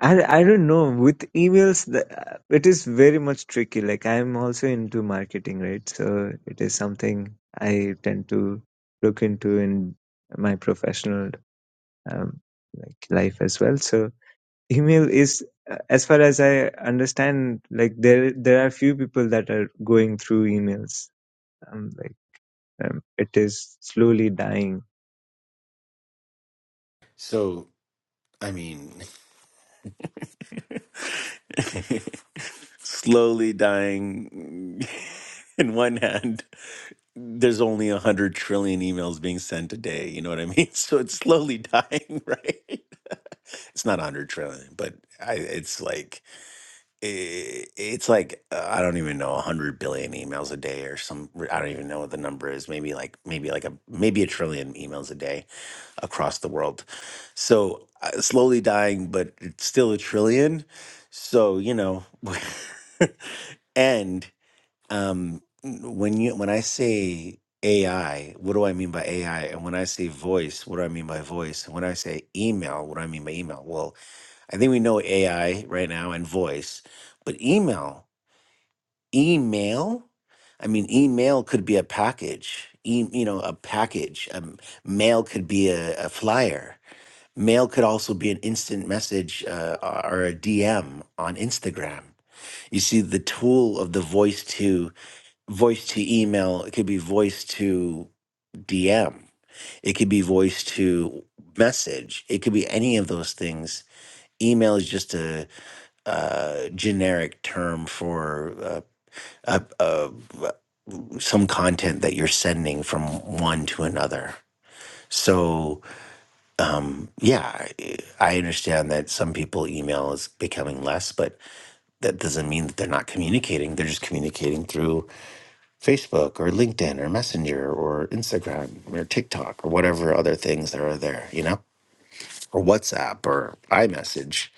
S1: I I don't know. With emails, the, uh, it is very much tricky. Like I'm also into marketing, right? So it is something I tend to look into in my professional um, like life as well. So email is, uh, as far as I understand, like there there are few people that are going through emails. Um, like um, it is slowly dying
S6: so i mean Slowly dying in one hand. There's only a hundred trillion emails being sent a day. You know what I mean? So it's slowly dying, right? it's not 100 trillion but I, it's like i it's like uh, i don't even know 100 billion emails a day or some i don't even know what the number is maybe like maybe like a maybe a trillion emails a day across the world. So uh, slowly dying, but it's still a trillion. So you know, and um, when you when I say AI, what do I mean by AI? And when I say voice, what do I mean by voice? And when I say email, what do I mean by email? Well, I think we know AI right now and voice, but email, email. I mean, email could be a package. E- you know, a package. Um, mail could be a, a flyer Mail could also be an instant message uh, or a DM on Instagram. You see, the tool of the voice to voice to email, it could be voice to DM, it could be voice to message, it could be any of those things. Email is just a, uh generic term for uh, uh, uh, some content that you're sending from one to another. So yeah, I I understand that some people email is becoming less, but that doesn't mean that they're not communicating. They're just communicating through Facebook or LinkedIn or Messenger or Instagram or TikTok or whatever other things that are there, you know, or WhatsApp or iMessage,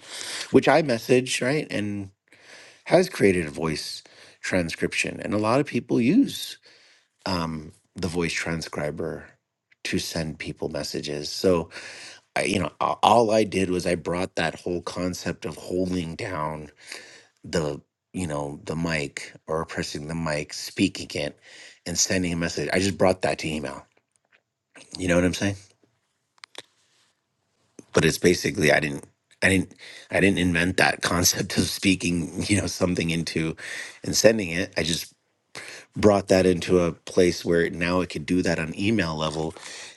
S6: which iMessage, right, and has created a voice transcription. And a lot of people use um, the voice transcriber to send people messages. So, I, you know, a- all I did was I brought that whole concept of holding down the, you know, the mic or pressing the mic, speaking it, and sending a message. I just brought that to email. You know what I'm saying? But it's basically I didn't, I didn't, I didn't invent that concept of speaking, you know, something into and sending it. I just brought that into a place where now it could do that on email level.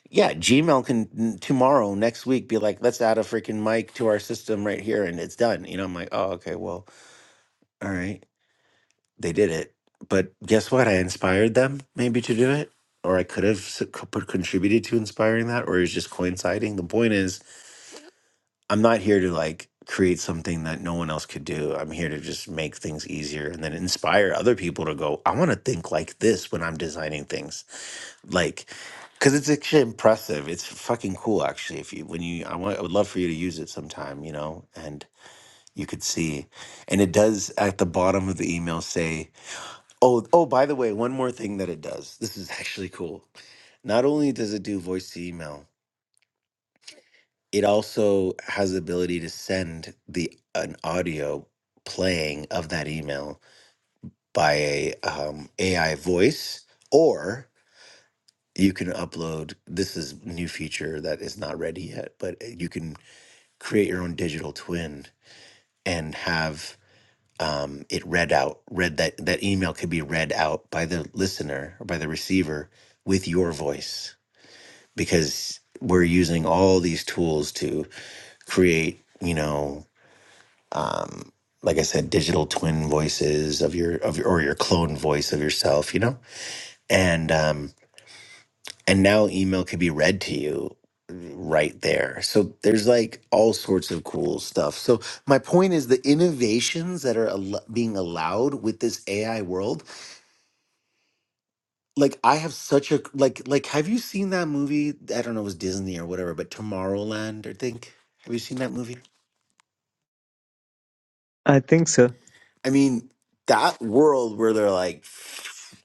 S6: Yeah, Gmail can n- tomorrow, next week, be like, let's add a freaking mic to our system right here, and it's done. You know, I'm like, oh, okay, well, all right, they did it, but guess what? I inspired them maybe to do it, or I could have s- co- put- contributed to inspiring that, or it's just coinciding. The point is, I'm not here to like create something that no one else could do. I'm here to just make things easier and then inspire other people to go, I want to think like this when I'm designing things like because it's actually impressive it's fucking cool actually if you when you I, want, I would love for you to use it sometime you know and you could see and it does at the bottom of the email say oh oh by the way one more thing that it does this is actually cool not only does it do voice to email it also has the ability to send the an audio playing of that email by a um, ai voice you can upload this is new feature that is not ready yet but eh, you can create your own digital twin and have um, it read out read that that email could be read out by the listener or by the receiver with your voice because we're using all these tools to create you know um, like i said digital twin voices of your of your or your clone voice of yourself you know and um, and now email could be read to you right there so there's like all sorts of cool stuff so my point is the innovations that are al- being allowed with this ai world like i have such a like like have you seen that movie i don't know it was disney or whatever but tomorrowland i think have you seen that movie
S1: I think so.
S6: I mean, that world where they're like,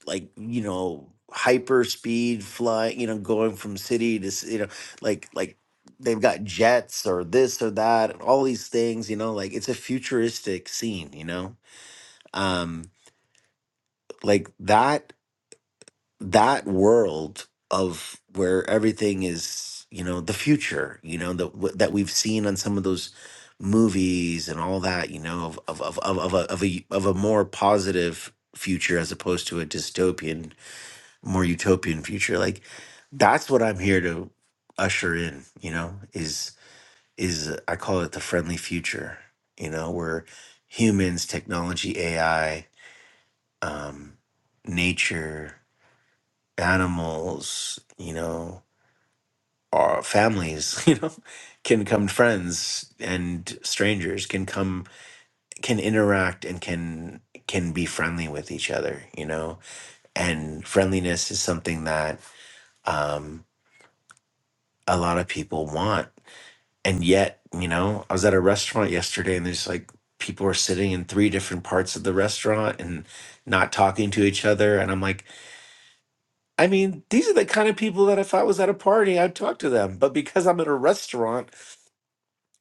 S6: like you know, hyper speed flying, you know, going from city to ci- you know, like like they've got jets or this or that and all these things, you know, like it's a futuristic scene, you know, um, like that that world of where everything is you know the future you know that w- that we've seen on some of those movies and all that you know of of of of, of, a, of a of a more positive future as opposed to a dystopian more utopian future like that's what i'm here to usher in you know is is uh, i call it the friendly future you know where humans technology ai um nature animals, you know, our families, you know, can become friends and strangers can come can interact and can can be friendly with each other, you know. And friendliness is something that um a lot of people want. And yet, you know, I was at a restaurant yesterday and there's like people were sitting in three different parts of the restaurant and not talking to each other and I'm like I mean, these are the kind of people that if I was at a party, I'd talk to them. But because I'm at a restaurant,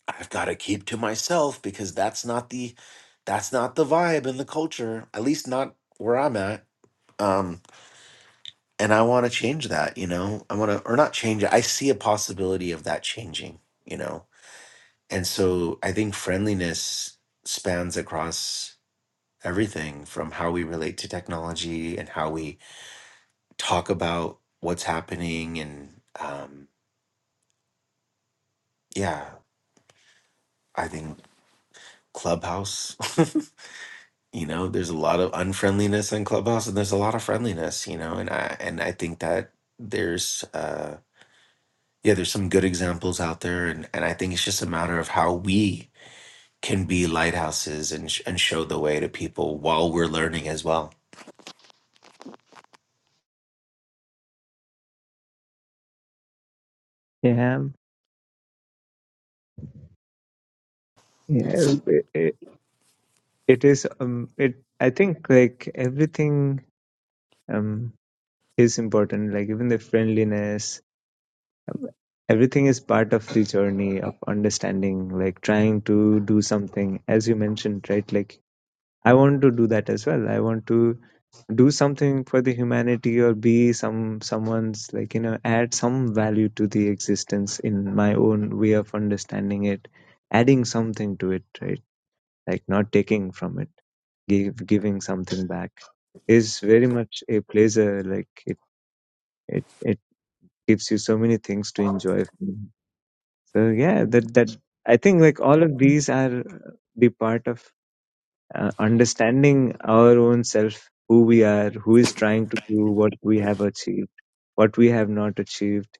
S6: I've got to keep to myself because that's not the that's not the vibe and the culture, at least not where I'm at. Um, and I want to change that, you know. I want to or not change it. I see a possibility of that changing, you know. And so I think friendliness spans across everything from how we relate to technology and how we talk about what's happening and um yeah, I think Clubhouse, you know, there's a lot of unfriendliness in Clubhouse and there's a lot of friendliness, you know, and I and I think that there's uh yeah, there's some good examples out there and and I think it's just a matter of how we can be lighthouses and sh- and show the way to people while we're learning as well.
S1: Yeah. Yeah. It, it, it is, um, it, I think like everything, um, is important. Like even the friendliness, um, everything is part of the journey of understanding, like trying to do something, as you mentioned, right? Like I want to do that as well. I want to do something for the humanity or be some, someone's like, you know, add some value to the existence in my own way of understanding it, adding something to it, right? like not taking from it, give, giving something back is very much a pleasure. Like it, it, it gives you so many things to enjoy. So yeah, that, that I think like all of these are the part of uh, understanding our own self, who we are, who is trying to do what we have achieved, what we have not achieved,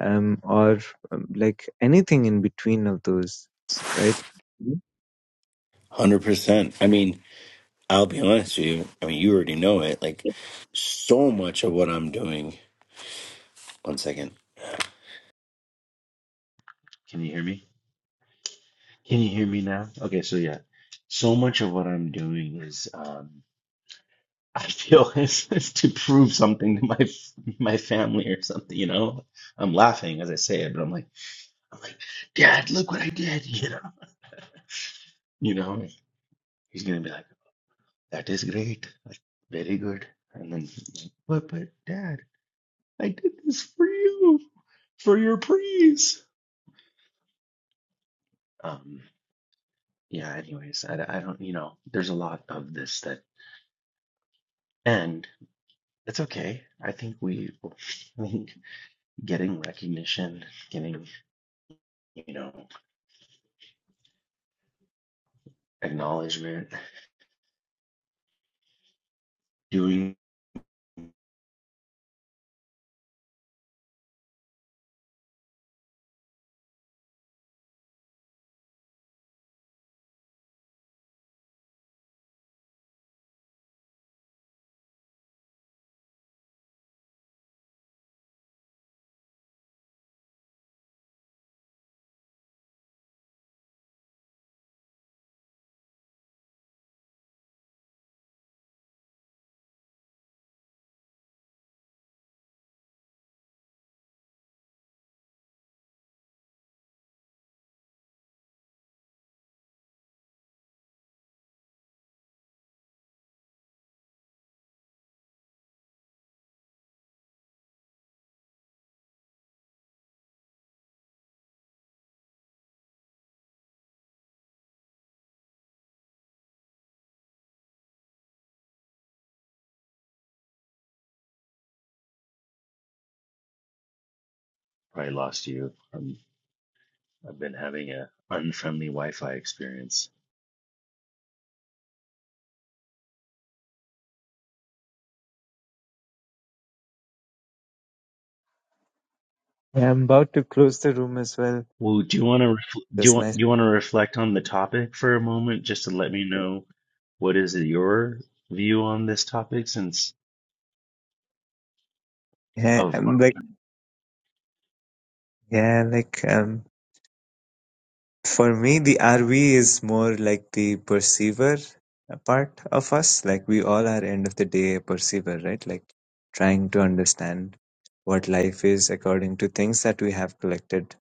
S1: um, or um, like anything in between of those, right?
S6: Hundred percent. I mean, I'll be honest with you. I mean, you already know it. Like, so much of what I'm doing. One second. Can you hear me? Can you hear me now? Okay, so yeah, so much of what I'm doing is um, I feel is, is to prove something to my f- my family or something. You know, I'm laughing as I say it, but I'm like, I'm like, Dad, look what I did. You know, you know, he's gonna be like, that is great, like very good, and then like, but but Dad, I did this for you, for your praise. Um, yeah. Anyways, I, I don't, you know, there's a lot of this that end. It's okay. I think we I think getting recognition, getting, you know, acknowledgement, doing Probably lost you. Um, I've been having a unfriendly Wi-Fi experience.
S1: Yeah, I'm about to close the room as well.
S6: Well, do you want to refl- do you
S1: Just nice.
S6: want do you want to reflect on the topic for a moment just to let me know what is your view on this topic since
S1: Yeah,
S6: of
S1: um, like yeah, like um, for me, the RV is more like the perceiver uh, part of us. Like we all are end of the day a perceiver, right? Like trying to understand what life is according to things that we have collected,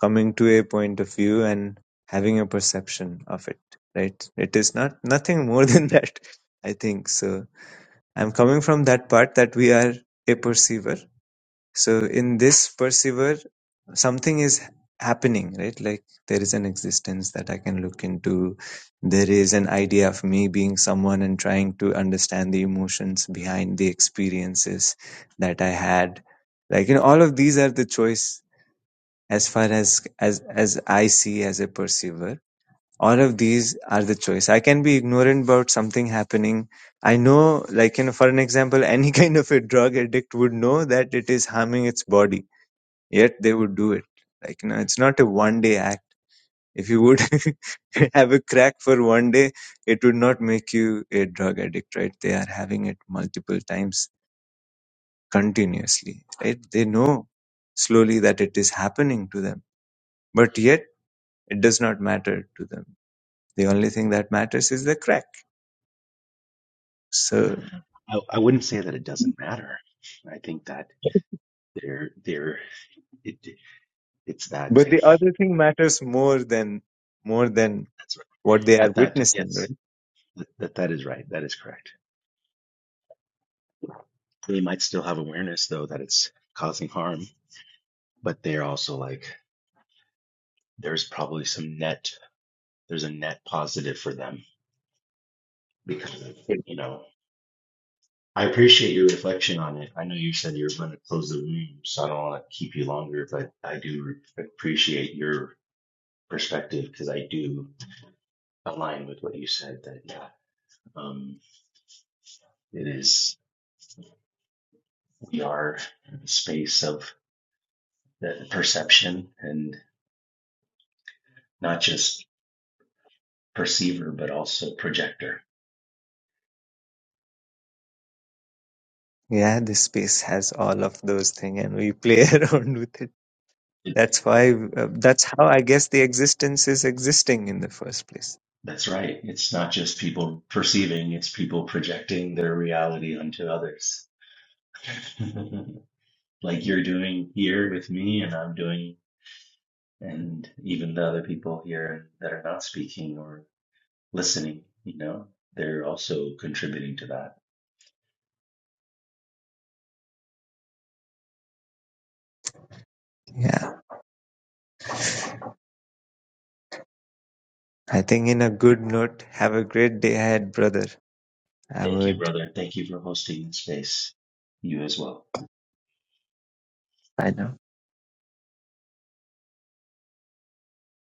S1: coming to a point of view and having a perception of it, right? It is not nothing more than that, I think. So I'm coming from that part that we are a perceiver. So in this perceiver, something is happening right like there is an existence that i can look into there is an idea of me being someone and trying to understand the emotions behind the experiences that i had like you know all of these are the choice as far as as as i see as a perceiver all of these are the choice i can be ignorant about something happening i know like you know for an example any kind of a drug addict would know that it is harming its body yet they would do it like you know it's not a one day act if you would have a crack for one day it would not make you a drug addict right they are having it multiple times continuously right they know slowly that it is happening to them but yet it does not matter to them the only thing that matters is the crack so
S6: I, I wouldn't say that it doesn't matter. I think that there there it it's that
S1: but the other thing matters more than more than
S6: that's right.
S1: what they are
S6: At that time,
S1: witnessing
S6: yes.
S1: right
S6: Th- That that is right. That is correct. They might still have awareness though that it's causing harm, but they're also like there's probably some net there's a net positive for them because of, you know I appreciate your reflection on it. I know you said you were going to close the room, so I don't want to keep you longer, but I do re- appreciate your perspective because I do align with what you said that yeah, um, it is we are in a space of the perception and not just perceiver but also projector.
S1: yeah this space has all of those things and we play around with it That's why, uh, that's how I guess the existence is existing in the first place.
S6: that's right. It's not just people perceiving, it's people projecting their reality onto others. like you're doing here with me and I'm doing and even the other people here that are not speaking or listening, you know, they're also contributing to that.
S1: Yeah. I think in a good note, have a great day ahead, brother. I
S6: Thank you,
S1: would,
S6: brother. Thank you for hosting this space. You as well.
S1: I know.